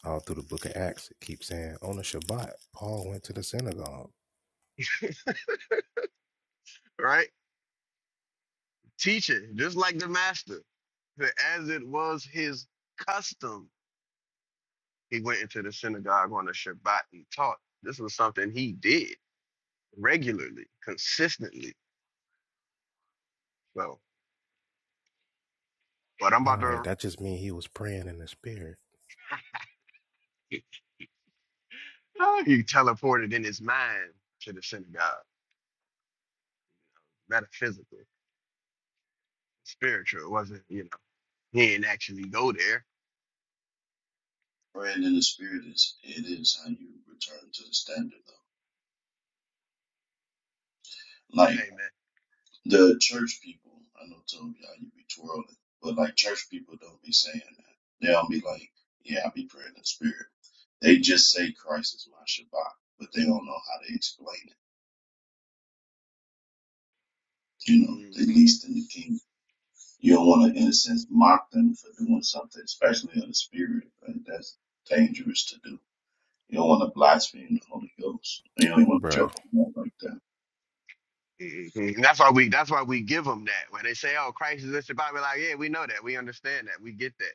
[SPEAKER 4] All through the Book of Acts, it keeps saying on the Shabbat, Paul went to the synagogue.
[SPEAKER 1] right? Teaching, just like the master, that as it was his custom, he went into the synagogue on the Shabbat and taught. This was something he did regularly, consistently. So, but I'm about
[SPEAKER 4] Nah,
[SPEAKER 1] to,
[SPEAKER 4] that just means he was praying in the spirit,
[SPEAKER 1] he teleported in his mind to the synagogue, metaphysical, spiritual. It wasn't, you know, he didn't actually go there.
[SPEAKER 5] Praying in the spirit is it is how you return to the standard though. Like the church people, I know told y'all you be twirling, but like church people don't be saying that. They don't be like, Yeah, I be praying in the spirit. They just say Christ is my Shabbat, but they don't know how to explain it. You know,
[SPEAKER 1] Amen.
[SPEAKER 5] they least in the kingdom. You don't wanna in a sense mock them for doing something, especially in the spirit, right? That's dangerous to do. You don't want to blaspheme the Holy Ghost. You don't want to
[SPEAKER 4] bruh.
[SPEAKER 5] joke around like that.
[SPEAKER 1] Mhm. That's why we. That's why we give them that. When they say, "Oh, Christ is this about," we're like, "Yeah, we know that. We understand that. We get that.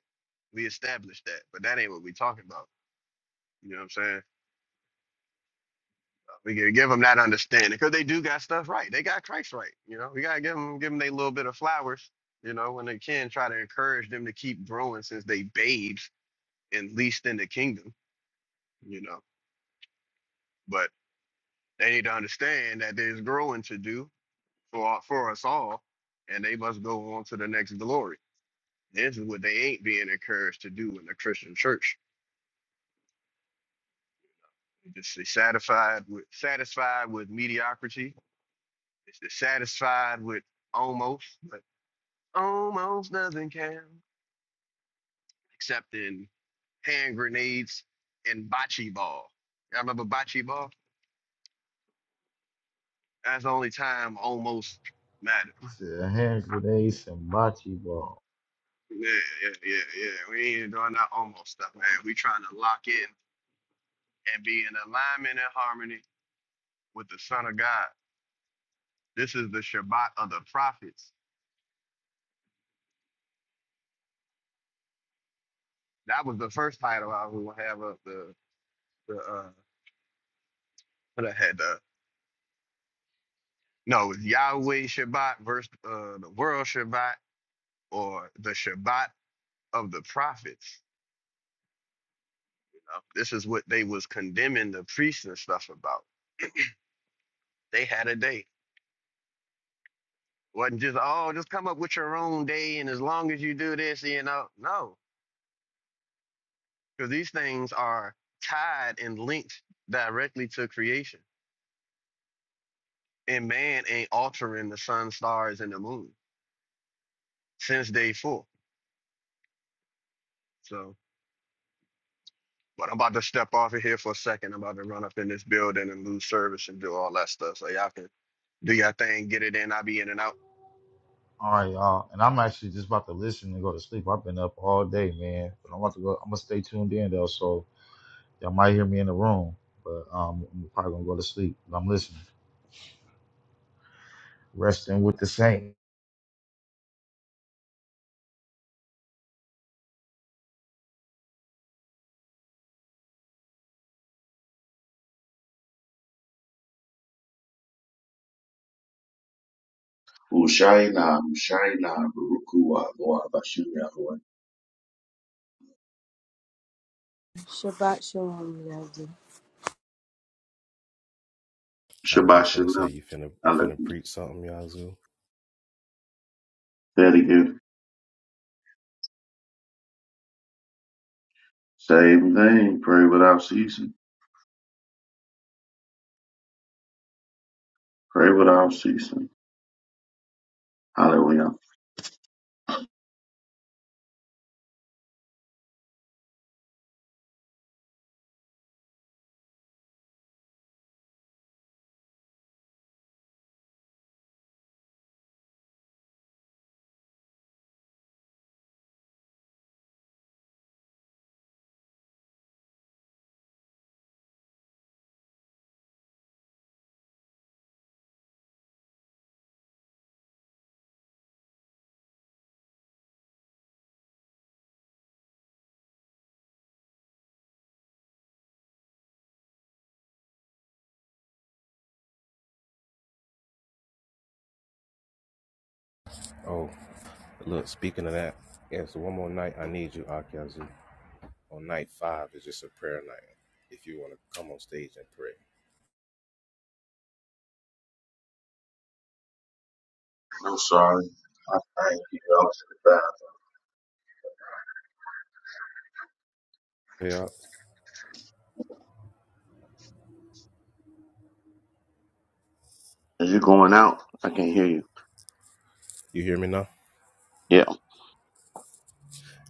[SPEAKER 1] We establish that." But that ain't what we talking about. You know what I'm saying? We can give them that understanding because they do got stuff right. They got Christ right. You know, we gotta give them give them their little bit of flowers. You know, when they can try to encourage them to keep growing since they babes and least in the kingdom. You know, but they need to understand that there's growing to do for for us all, and they must go on to the next glory. This is what they ain't being encouraged to do in the Christian church. It's they satisfied with satisfied with mediocrity. It's they satisfied with almost, but almost nothing can except in hand grenades and bocce ball. Y'all remember bocce ball? That's the only time almost matters.
[SPEAKER 2] this is a hand grenade, some bocce ball.
[SPEAKER 1] Yeah, yeah, yeah, yeah. We ain't doing that almost stuff, man. We trying to lock in and be in alignment and harmony with the Son of God. This is the Shabbat of the prophets. That was the first title I would have up the the uh what I had the no it was Yahweh Shabbat versus uh the world Shabbat or the Shabbat of the prophets. You know, this is what they was condemning the priests and stuff about. They had a day. Wasn't just oh just come up with your own day and as long as you do this, you know. No. Because these things are tied and linked directly to creation. And man ain't altering the sun, stars, and the moon since day four. So But I'm about to step off of here for a second. I'm about to run up in this building and lose service and do all that stuff. So y'all can do your thing, get it in. I'll be in and out.
[SPEAKER 2] All right, y'all. And I'm actually just about to listen and go to sleep. I've been up all day, man. But I'm about to go. I'm gonna stay tuned in though, so y'all might hear me in the room. But um, I'm probably gonna go to sleep. But I'm listening. Resting with the saint.
[SPEAKER 5] Hushaina, Hushaina, Barukua, Loa, Bashem, Yahweh.
[SPEAKER 3] Shabbat Shalom, Yazdi.
[SPEAKER 4] I was
[SPEAKER 5] Shabbat
[SPEAKER 4] just finna say
[SPEAKER 5] Shalom.
[SPEAKER 4] you finna
[SPEAKER 5] I
[SPEAKER 4] you
[SPEAKER 5] let
[SPEAKER 4] finna
[SPEAKER 5] you
[SPEAKER 4] preach something, Yazoo.
[SPEAKER 5] say it again. Same thing. Pray without ceasing. Pray without ceasing. Hallelujah.
[SPEAKER 4] Oh, look, speaking of that, yeah. So one more night, I need you, Ak Yazoo. On night five is just a prayer night. If you wanna come on stage and pray.
[SPEAKER 5] I'm sorry. I thank you. I was in the bathroom.
[SPEAKER 4] Yeah,
[SPEAKER 5] As you're going out, I can't hear you.
[SPEAKER 4] you hear me now?
[SPEAKER 5] Yeah.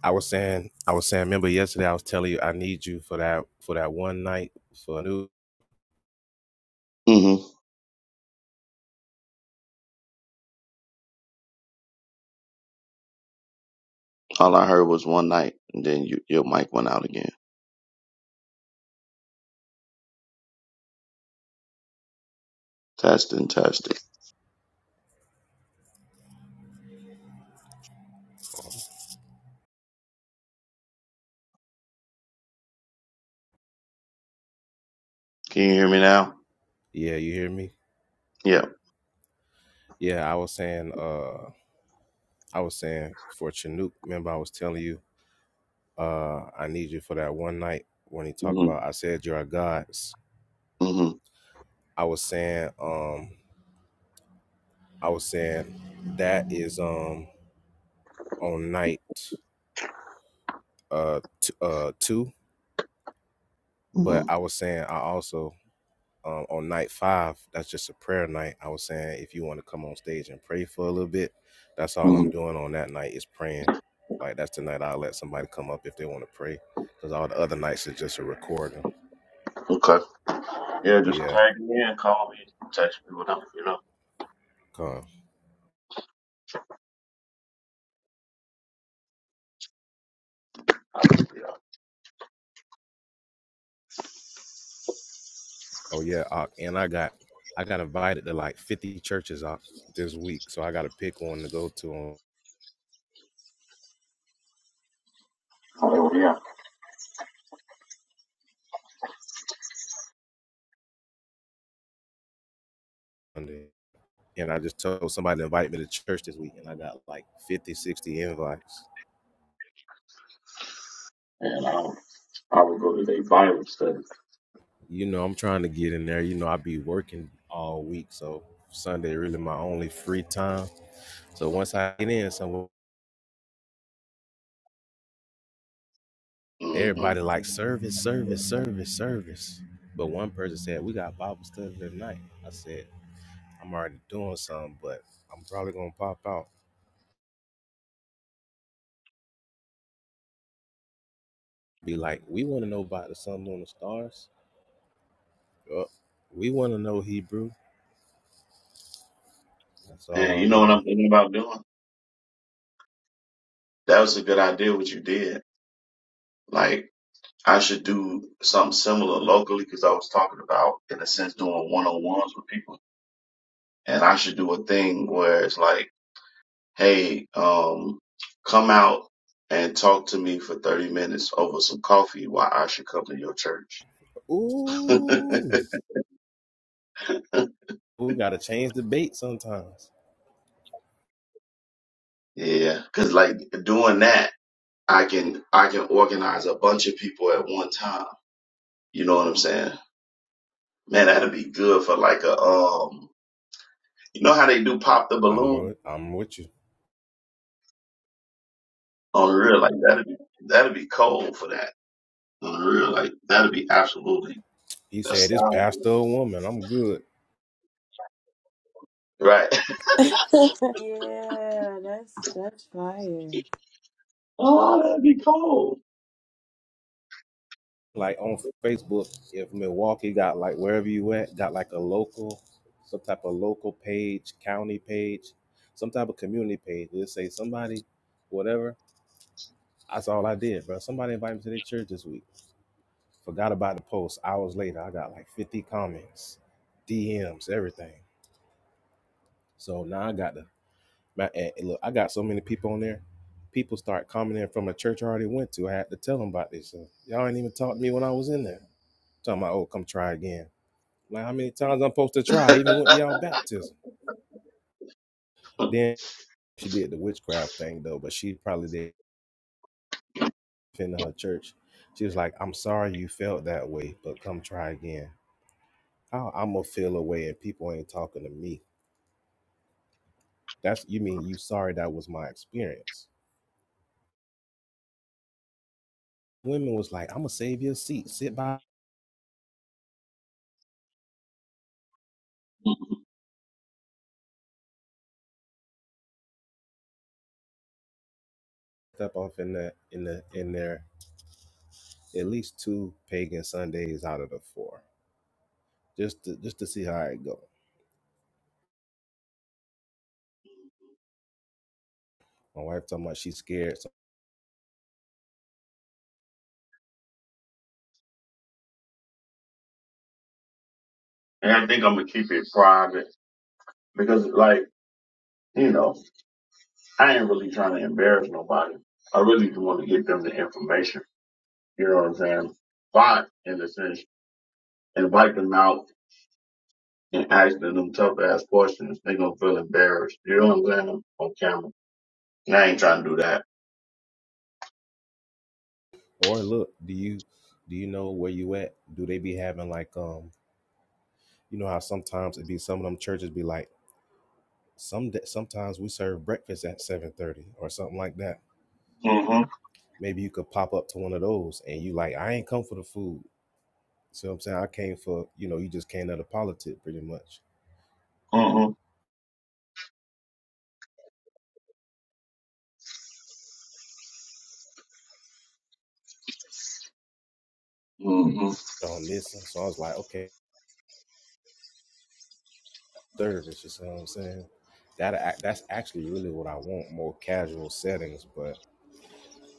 [SPEAKER 4] I was saying, I was saying. Remember yesterday, I was telling you I need you for that for that one night for new.
[SPEAKER 5] hmm All I heard was one night, and then you, your mic went out again. Testing, testing. Can you hear me now?
[SPEAKER 4] Yeah, you hear me?
[SPEAKER 5] Yeah.
[SPEAKER 4] Yeah, I was saying. Uh, I was saying for Chinook. Remember, I was telling you. Uh, I need you for that one night when he talk
[SPEAKER 5] hmm
[SPEAKER 4] about. I said you're our gods.
[SPEAKER 5] hmm
[SPEAKER 4] I was saying. Um, I was saying that is um on night uh t- uh two.
[SPEAKER 5] hmm
[SPEAKER 4] But I was saying I also um, on night five, that's just a prayer night. I was saying if you want to come on stage and pray for a little bit, that's all I'm
[SPEAKER 5] hmm
[SPEAKER 4] doing on that night is praying. Like that's the night I'll let somebody come up if they want to pray, because all the other nights is just a recording.
[SPEAKER 5] Okay. Yeah,
[SPEAKER 4] But
[SPEAKER 5] just
[SPEAKER 4] yeah,
[SPEAKER 5] tag me in, call me, text me, whatever, you know.
[SPEAKER 4] come. Oh yeah, Ock. and I got I got invited to like 50 churches Ock, this week, so I got to pick one to go to on
[SPEAKER 5] Hallelujah.
[SPEAKER 4] Monday. And I just told somebody to invite me to church this week, and I got like 50, 60 invites.
[SPEAKER 5] And I would, I would go to their Bible study.
[SPEAKER 4] You know, I'm trying to get in there. You know, I be working all week, so Sunday really my only free time. So once I get in, so
[SPEAKER 5] hmm
[SPEAKER 4] everybody like service, service, service, service. But one person said we got Bible study tonight. I said I'm already doing something, but I'm probably gonna pop out. Be like, we want to know about the sun, moon, and stars. Yup. We want to know Hebrew. That's all
[SPEAKER 5] And you
[SPEAKER 4] I
[SPEAKER 5] know what I'm
[SPEAKER 4] need.
[SPEAKER 5] thinking about doing? That was a good idea what you did. Like, I should do something similar locally because I was talking about, in a sense, doing one-on-ones with people. And I should do a thing where it's like, hey, um, come out and talk to me for 30 minutes over some coffee while I should come to your church.
[SPEAKER 4] Ooh, we gotta change the bait sometimes.
[SPEAKER 5] Yeah, cause like doing that. I can I can organize a bunch of people at one time. You know what I'm saying? Man, that'd be good for like a um you know how they do pop the
[SPEAKER 4] I'm
[SPEAKER 5] balloon
[SPEAKER 4] with- I'm with you.
[SPEAKER 5] on the real like that'd be that'd be cold for that. On the real like that'd be absolutely
[SPEAKER 4] He said, "It's
[SPEAKER 5] astounding.
[SPEAKER 4] pastor or woman. I'm good."
[SPEAKER 5] Right.
[SPEAKER 3] Yeah, that's that's fire.
[SPEAKER 5] oh, that'd be cold.
[SPEAKER 4] Like on Facebook, if Milwaukee got like wherever you at got like a local, some type of local page, county page, some type of community page. Let's say somebody, whatever. That's all I did, bro. Somebody invited me to their church this week. Forgot about the post. Hours later, I got like 50 comments, DMs, everything. So now I got to My, and look, I got so many people on there. People start commenting from a church I already went to. I had to tell them about this. So, y'all ain't even talk to me when I was in there. Talking about, oh, come try again. Like how many times I'm supposed to try? I even went to y'all baptism. Then she did the witchcraft thing though, but she probably did in her church. She was like, I'm sorry you felt that way, but come try again. How I'm gonna feel away and people ain't talking to me. That's you mean you sorry that was my experience. Women was like, I'm gonna save your seat. Sit by step off in that in the in there at least two pagan Sundays out of the four, just to, just to see how it go. My wife talking about she's scared. So,
[SPEAKER 5] And I think I'm gonna keep it private because like, you know, I ain't really trying to embarrass nobody. I really just want to get them the information. You know what I'm saying? But in a sense, invite them out and asking them tough ass questions, they gonna feel embarrassed. You know what I'm saying? On camera. And I ain't trying to do that.
[SPEAKER 4] or look, do you do you know where you at? Do they be having like um you know how sometimes it be some of them churches be like some da- sometimes we serve breakfast at seven thirty or something like that.
[SPEAKER 5] Mm-hmm.
[SPEAKER 4] Maybe you could pop up to one of those and you like I ain't come for the food. See what I'm saying? I came for you know you just came out of politics pretty much
[SPEAKER 5] Mm-hmm. Mm-hmm.
[SPEAKER 4] on this. And so I was like okay service. You see what I'm saying? That that's actually really what I want more casual settings. But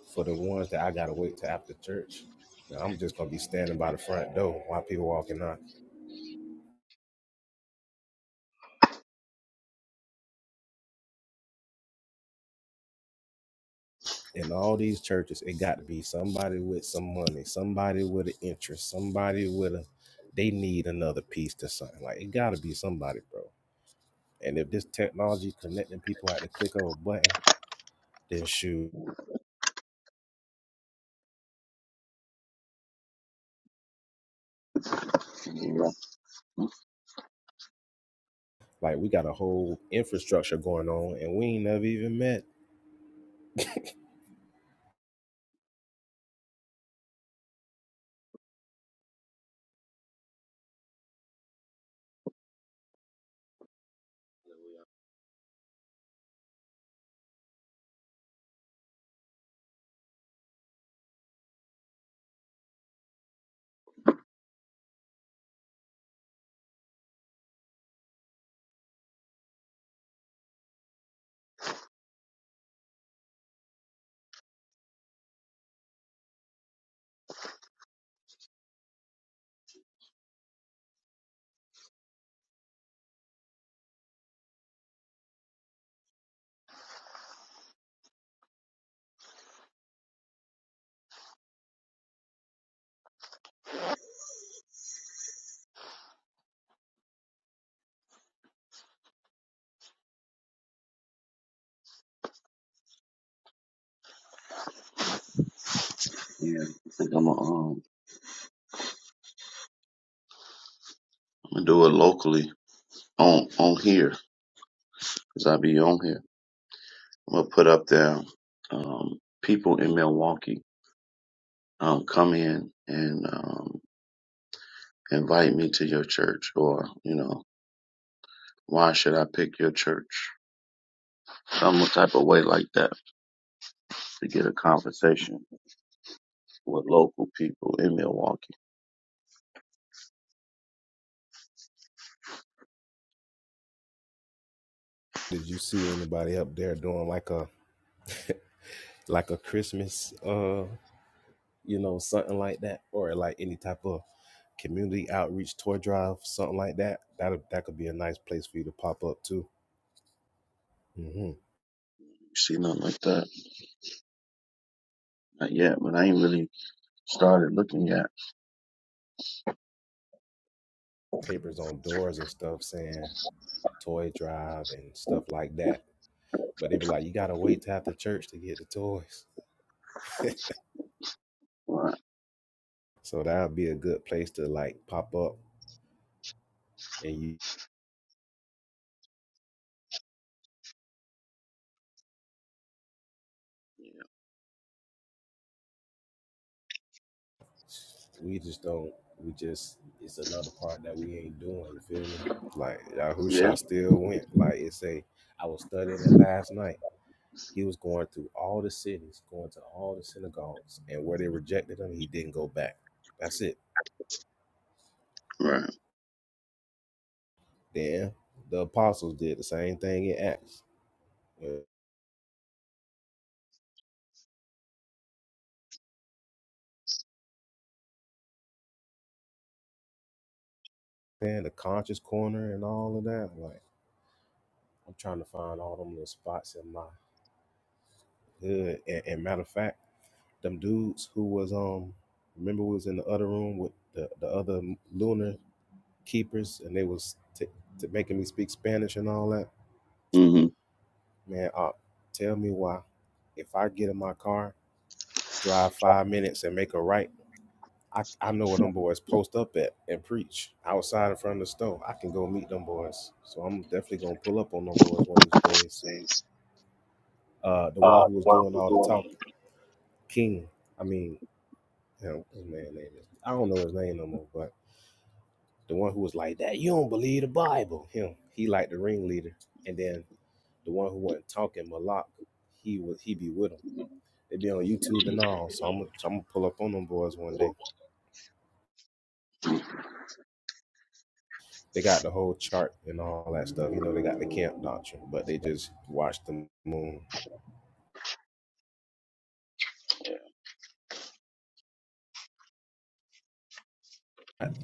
[SPEAKER 4] for the ones that I gotta wait till after church, man, I'm just gonna be standing by the front door while people walking out. In all these churches, it got to be somebody with some money, somebody with an interest, somebody with a they need another piece to something. Like it got to be somebody, bro. And if this technology connecting people at the click of a button, then shoot,
[SPEAKER 5] Yeah.
[SPEAKER 4] like we got a whole infrastructure going on, and we ain't never even met.
[SPEAKER 5] yeah. I think I'm gonna um, I'm gonna do it locally on on here because I be on here. I'm gonna put up there. Um, people in Milwaukee um come in and um invite me to your church or you know why should i pick your church some type of way like that to get a conversation with local people in milwaukee
[SPEAKER 4] Did you see anybody up there doing like a like a Christmas uh you know something like that or like any type of community outreach toy drive something like that? That that could be a nice place for you to pop up too. hmm
[SPEAKER 5] you see nothing like that not yet but i ain't really started looking yet
[SPEAKER 4] Papers on doors and stuff saying toy drive and stuff like that. But they be like, you gotta wait to after church to get the toys.
[SPEAKER 5] right
[SPEAKER 4] So that would be a good place to like pop up and you We just don't. We just. It's another part that we ain't doing. You feel me? Like
[SPEAKER 5] yeah
[SPEAKER 4] Yahusha still went. Like it say, I was studying it last night. He was going through all the cities, going to all the synagogues, and where they rejected him, he didn't go back. That's it.
[SPEAKER 5] right
[SPEAKER 4] Then the apostles did the same thing in Acts. You know the conscious corner and all of that. Like I'm trying to find all them little spots in my hood. And, and matter of fact. them dudes who was um remember we was in the other room with the, the other lunar keepers and they was t- t- making me speak spanish and all that
[SPEAKER 5] mm-hmm
[SPEAKER 4] man uh, tell me why if i get in my car drive five minutes and make a right I, I know where them boys post up at and preach outside in front of the store i can go meet them boys so i'm definitely gonna pull up on them boys one of these days
[SPEAKER 5] Is
[SPEAKER 4] uh the
[SPEAKER 5] uh,
[SPEAKER 4] one who was
[SPEAKER 5] the
[SPEAKER 4] doing
[SPEAKER 5] we're
[SPEAKER 4] all the
[SPEAKER 5] doing on
[SPEAKER 4] talk king i mean his man name is i don't know his name no more but. The one who was like that, you don't believe the Bible. Him, he like the ringleader. And then the one who wasn't talking, Malak, he would he be with him. They be on YouTube and all. So I'm gonna so I'm gonna pull up on them boys one
[SPEAKER 5] the
[SPEAKER 4] day.
[SPEAKER 5] Lord.
[SPEAKER 4] They got the whole chart and all that stuff. You know, they got the camp doctrine, but they just watch the moon.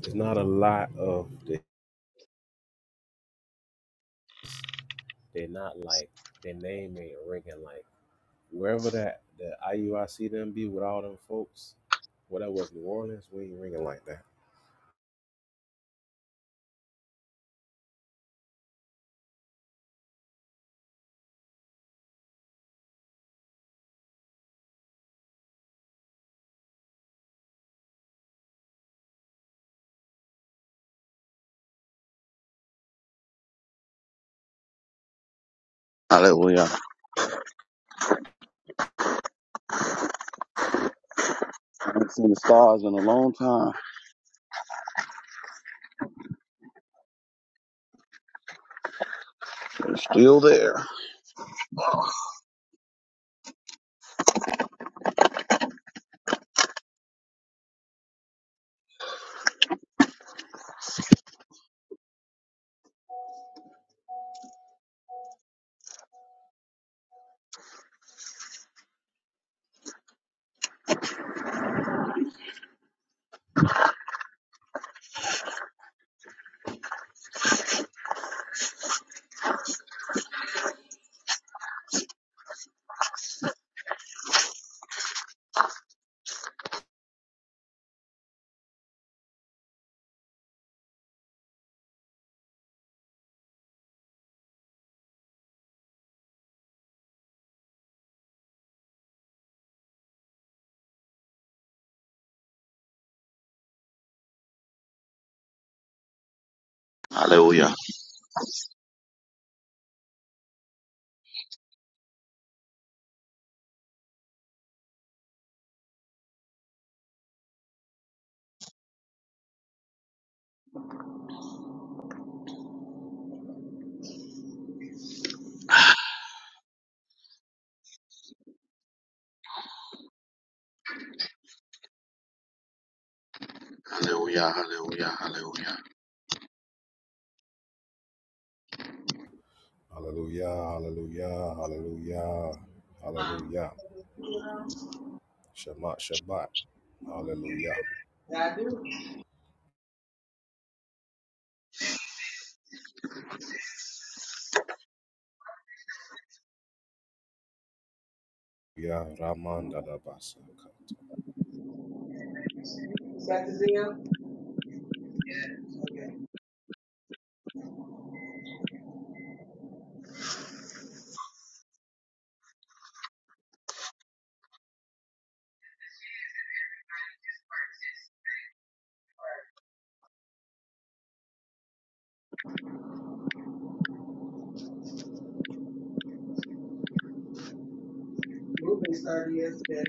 [SPEAKER 4] It's not a lot of the, they're not like their name ain't ringing like wherever that the IUIC them be with all them folks. Well, that was New Orleans. We ain't ringing like that
[SPEAKER 5] hallelujah i haven't seen the stars in a long time they're still there hallelujah hallelujah hallelujah hallelujah
[SPEAKER 4] Hallelujah, hallelujah, hallelujah, hallelujah. Shabbat, Shabbat, hallelujah.
[SPEAKER 5] Yeah, I do.
[SPEAKER 4] Yeah, Raman Dadabasa.
[SPEAKER 5] Is that the deal? Okay. Ruben started yesterday.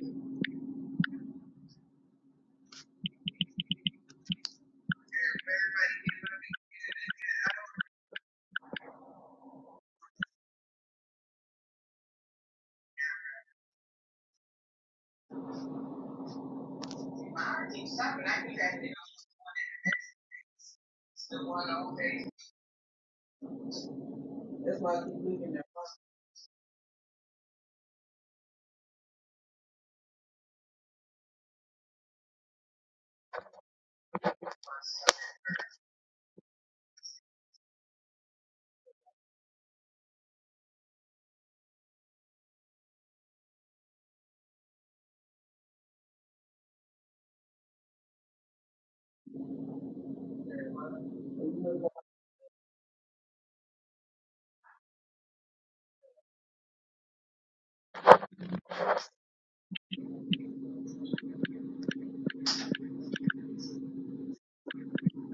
[SPEAKER 5] That's why I keep looking at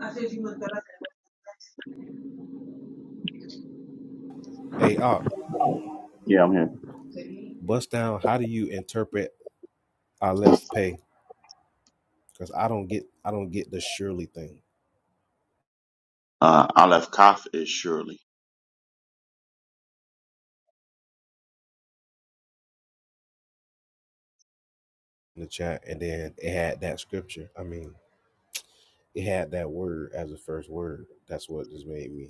[SPEAKER 5] I said you must have
[SPEAKER 4] Hey, Op,
[SPEAKER 5] Yeah, I'm here.
[SPEAKER 4] bust down. How do you interpret I left pay? Because I don't get, I don't get the surely thing
[SPEAKER 5] Uh, Aleph Kaf is surely.
[SPEAKER 4] in the chat. And then it had that scripture. I mean, it had that word as the first word. That's what just made me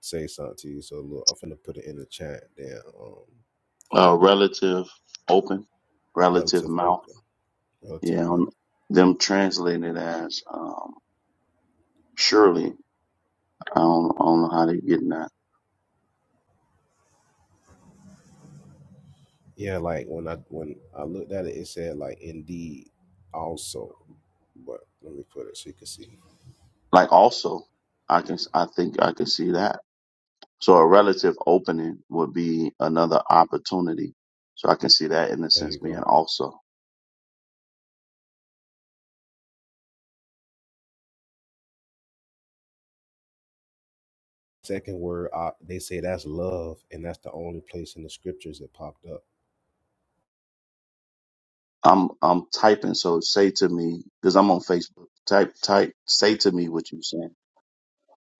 [SPEAKER 4] say something to you. So look, I'm finna put it in the chat. Then, um,
[SPEAKER 5] Uh, relative open, relative
[SPEAKER 4] relative
[SPEAKER 5] mouth.
[SPEAKER 4] Oka, relative
[SPEAKER 5] Yeah,
[SPEAKER 4] mouth.
[SPEAKER 5] um, them translating it as um, surely. I don't, I don't know how they getting that.
[SPEAKER 4] Yeah, like when I when I looked at it, it said like indeed also, but let me put it so you can see.
[SPEAKER 5] Like also, I can I think I can see that. So a relative opening would be another opportunity. So I can see that in the
[SPEAKER 4] There you
[SPEAKER 5] sense being
[SPEAKER 4] go.
[SPEAKER 5] also.
[SPEAKER 4] Second word, uh, they say that's love, and that's the only place in the scriptures it popped up.
[SPEAKER 5] I'm I'm typing, so say to me because I'm on Facebook. Type type say to me what you're saying.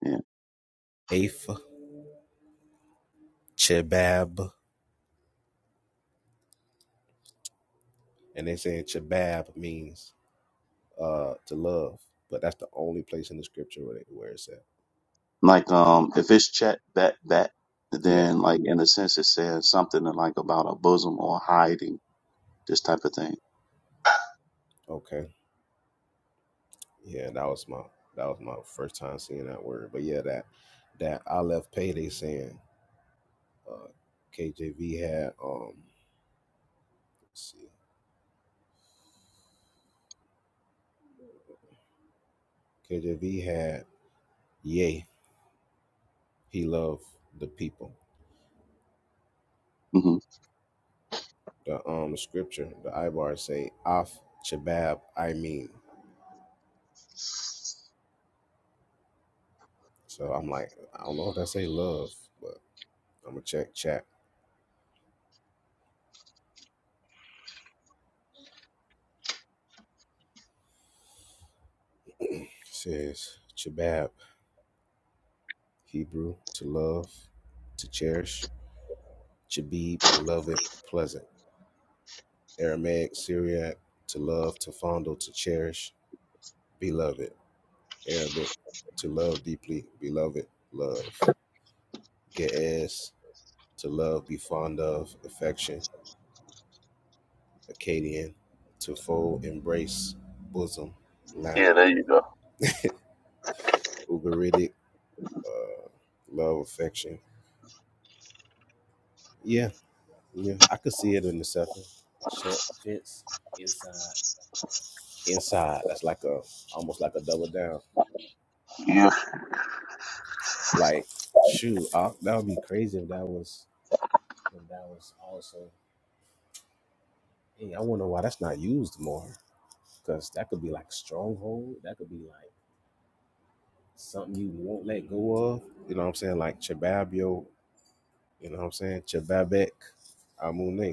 [SPEAKER 5] Yeah,
[SPEAKER 4] Afe, chabab, and they say chabab means uh to love, but that's the only place in the scripture where, they, where it's at.
[SPEAKER 5] like um, if it's chat back back,
[SPEAKER 4] Yeah.
[SPEAKER 5] then like in a sense it says something like about a bosom or hiding this type of thing.
[SPEAKER 4] Okay. Yeah, that was my that was my first time seeing that word, but yeah, that that I left pay they saying uh, KJV had. Um, Let's see. KJV had, yea, he loved the people.
[SPEAKER 5] hmm
[SPEAKER 4] The um scripture, the Ibar say, af chabab, I mean. So I'm like, I don't know if I say love, but I'm gonna check chat. It says chabab, Hebrew, to love, to cherish, chabib, beloved, pleasant. Aramaic, Syriac, to love, to fondle, to cherish, beloved. Arabic, to love deeply, beloved, love. Ge'ez, to love, be fond of, affection, Acadian, to fold, embrace, bosom, lap,
[SPEAKER 5] Yeah, there you go.
[SPEAKER 4] Ugaritic, uh, love, affection. Yeah, yeah, I could see it in the second. Chet fits inside. Inside, that's like a almost like a double down.
[SPEAKER 5] Yeah,
[SPEAKER 4] Like, shoot, I, that would be crazy if that was if that was also. Hey, I wonder why that's not used more, because that could be like stronghold. That could be like. something you won't let go of. You know what I'm saying? Like Chababio, you know what I'm saying? Chababek Amune.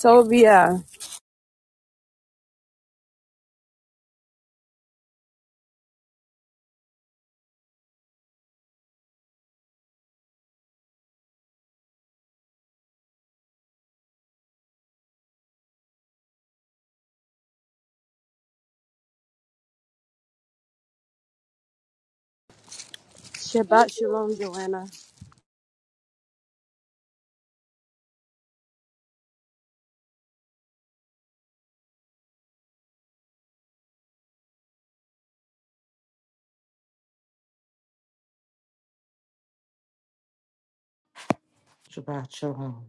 [SPEAKER 3] Tobia. Shabbat Shalom, Joanna.
[SPEAKER 6] Shabbat shalom.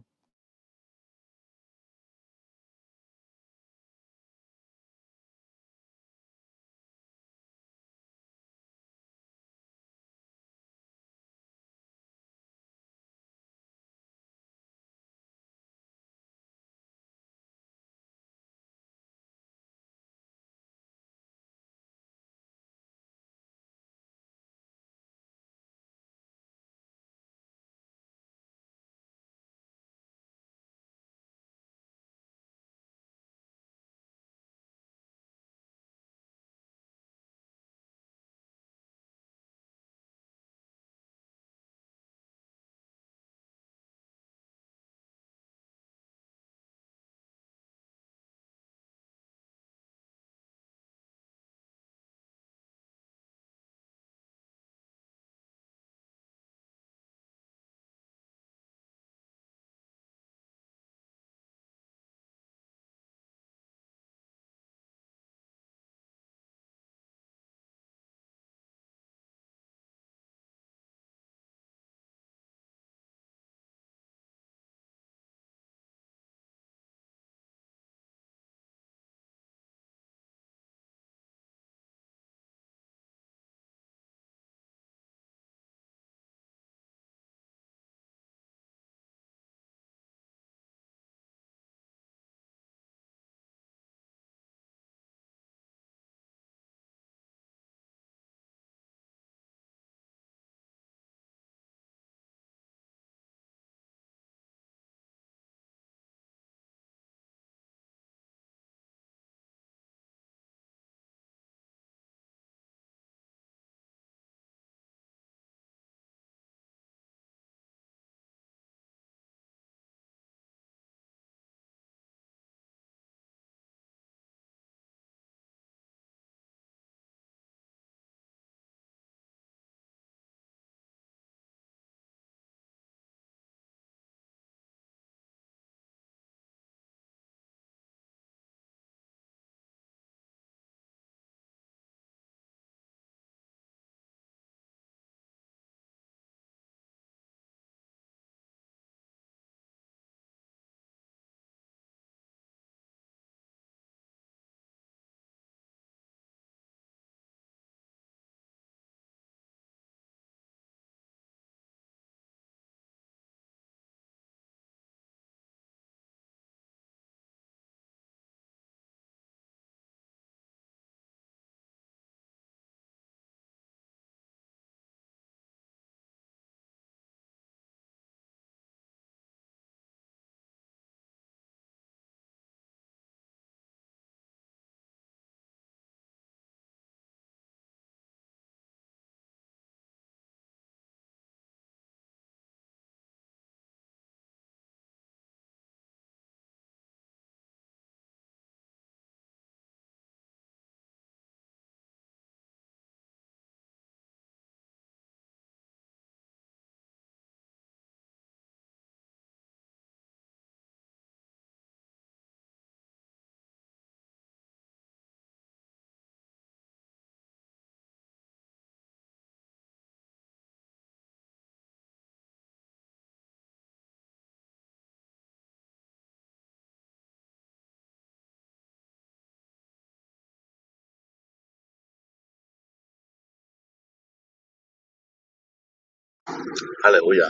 [SPEAKER 5] hallelujah.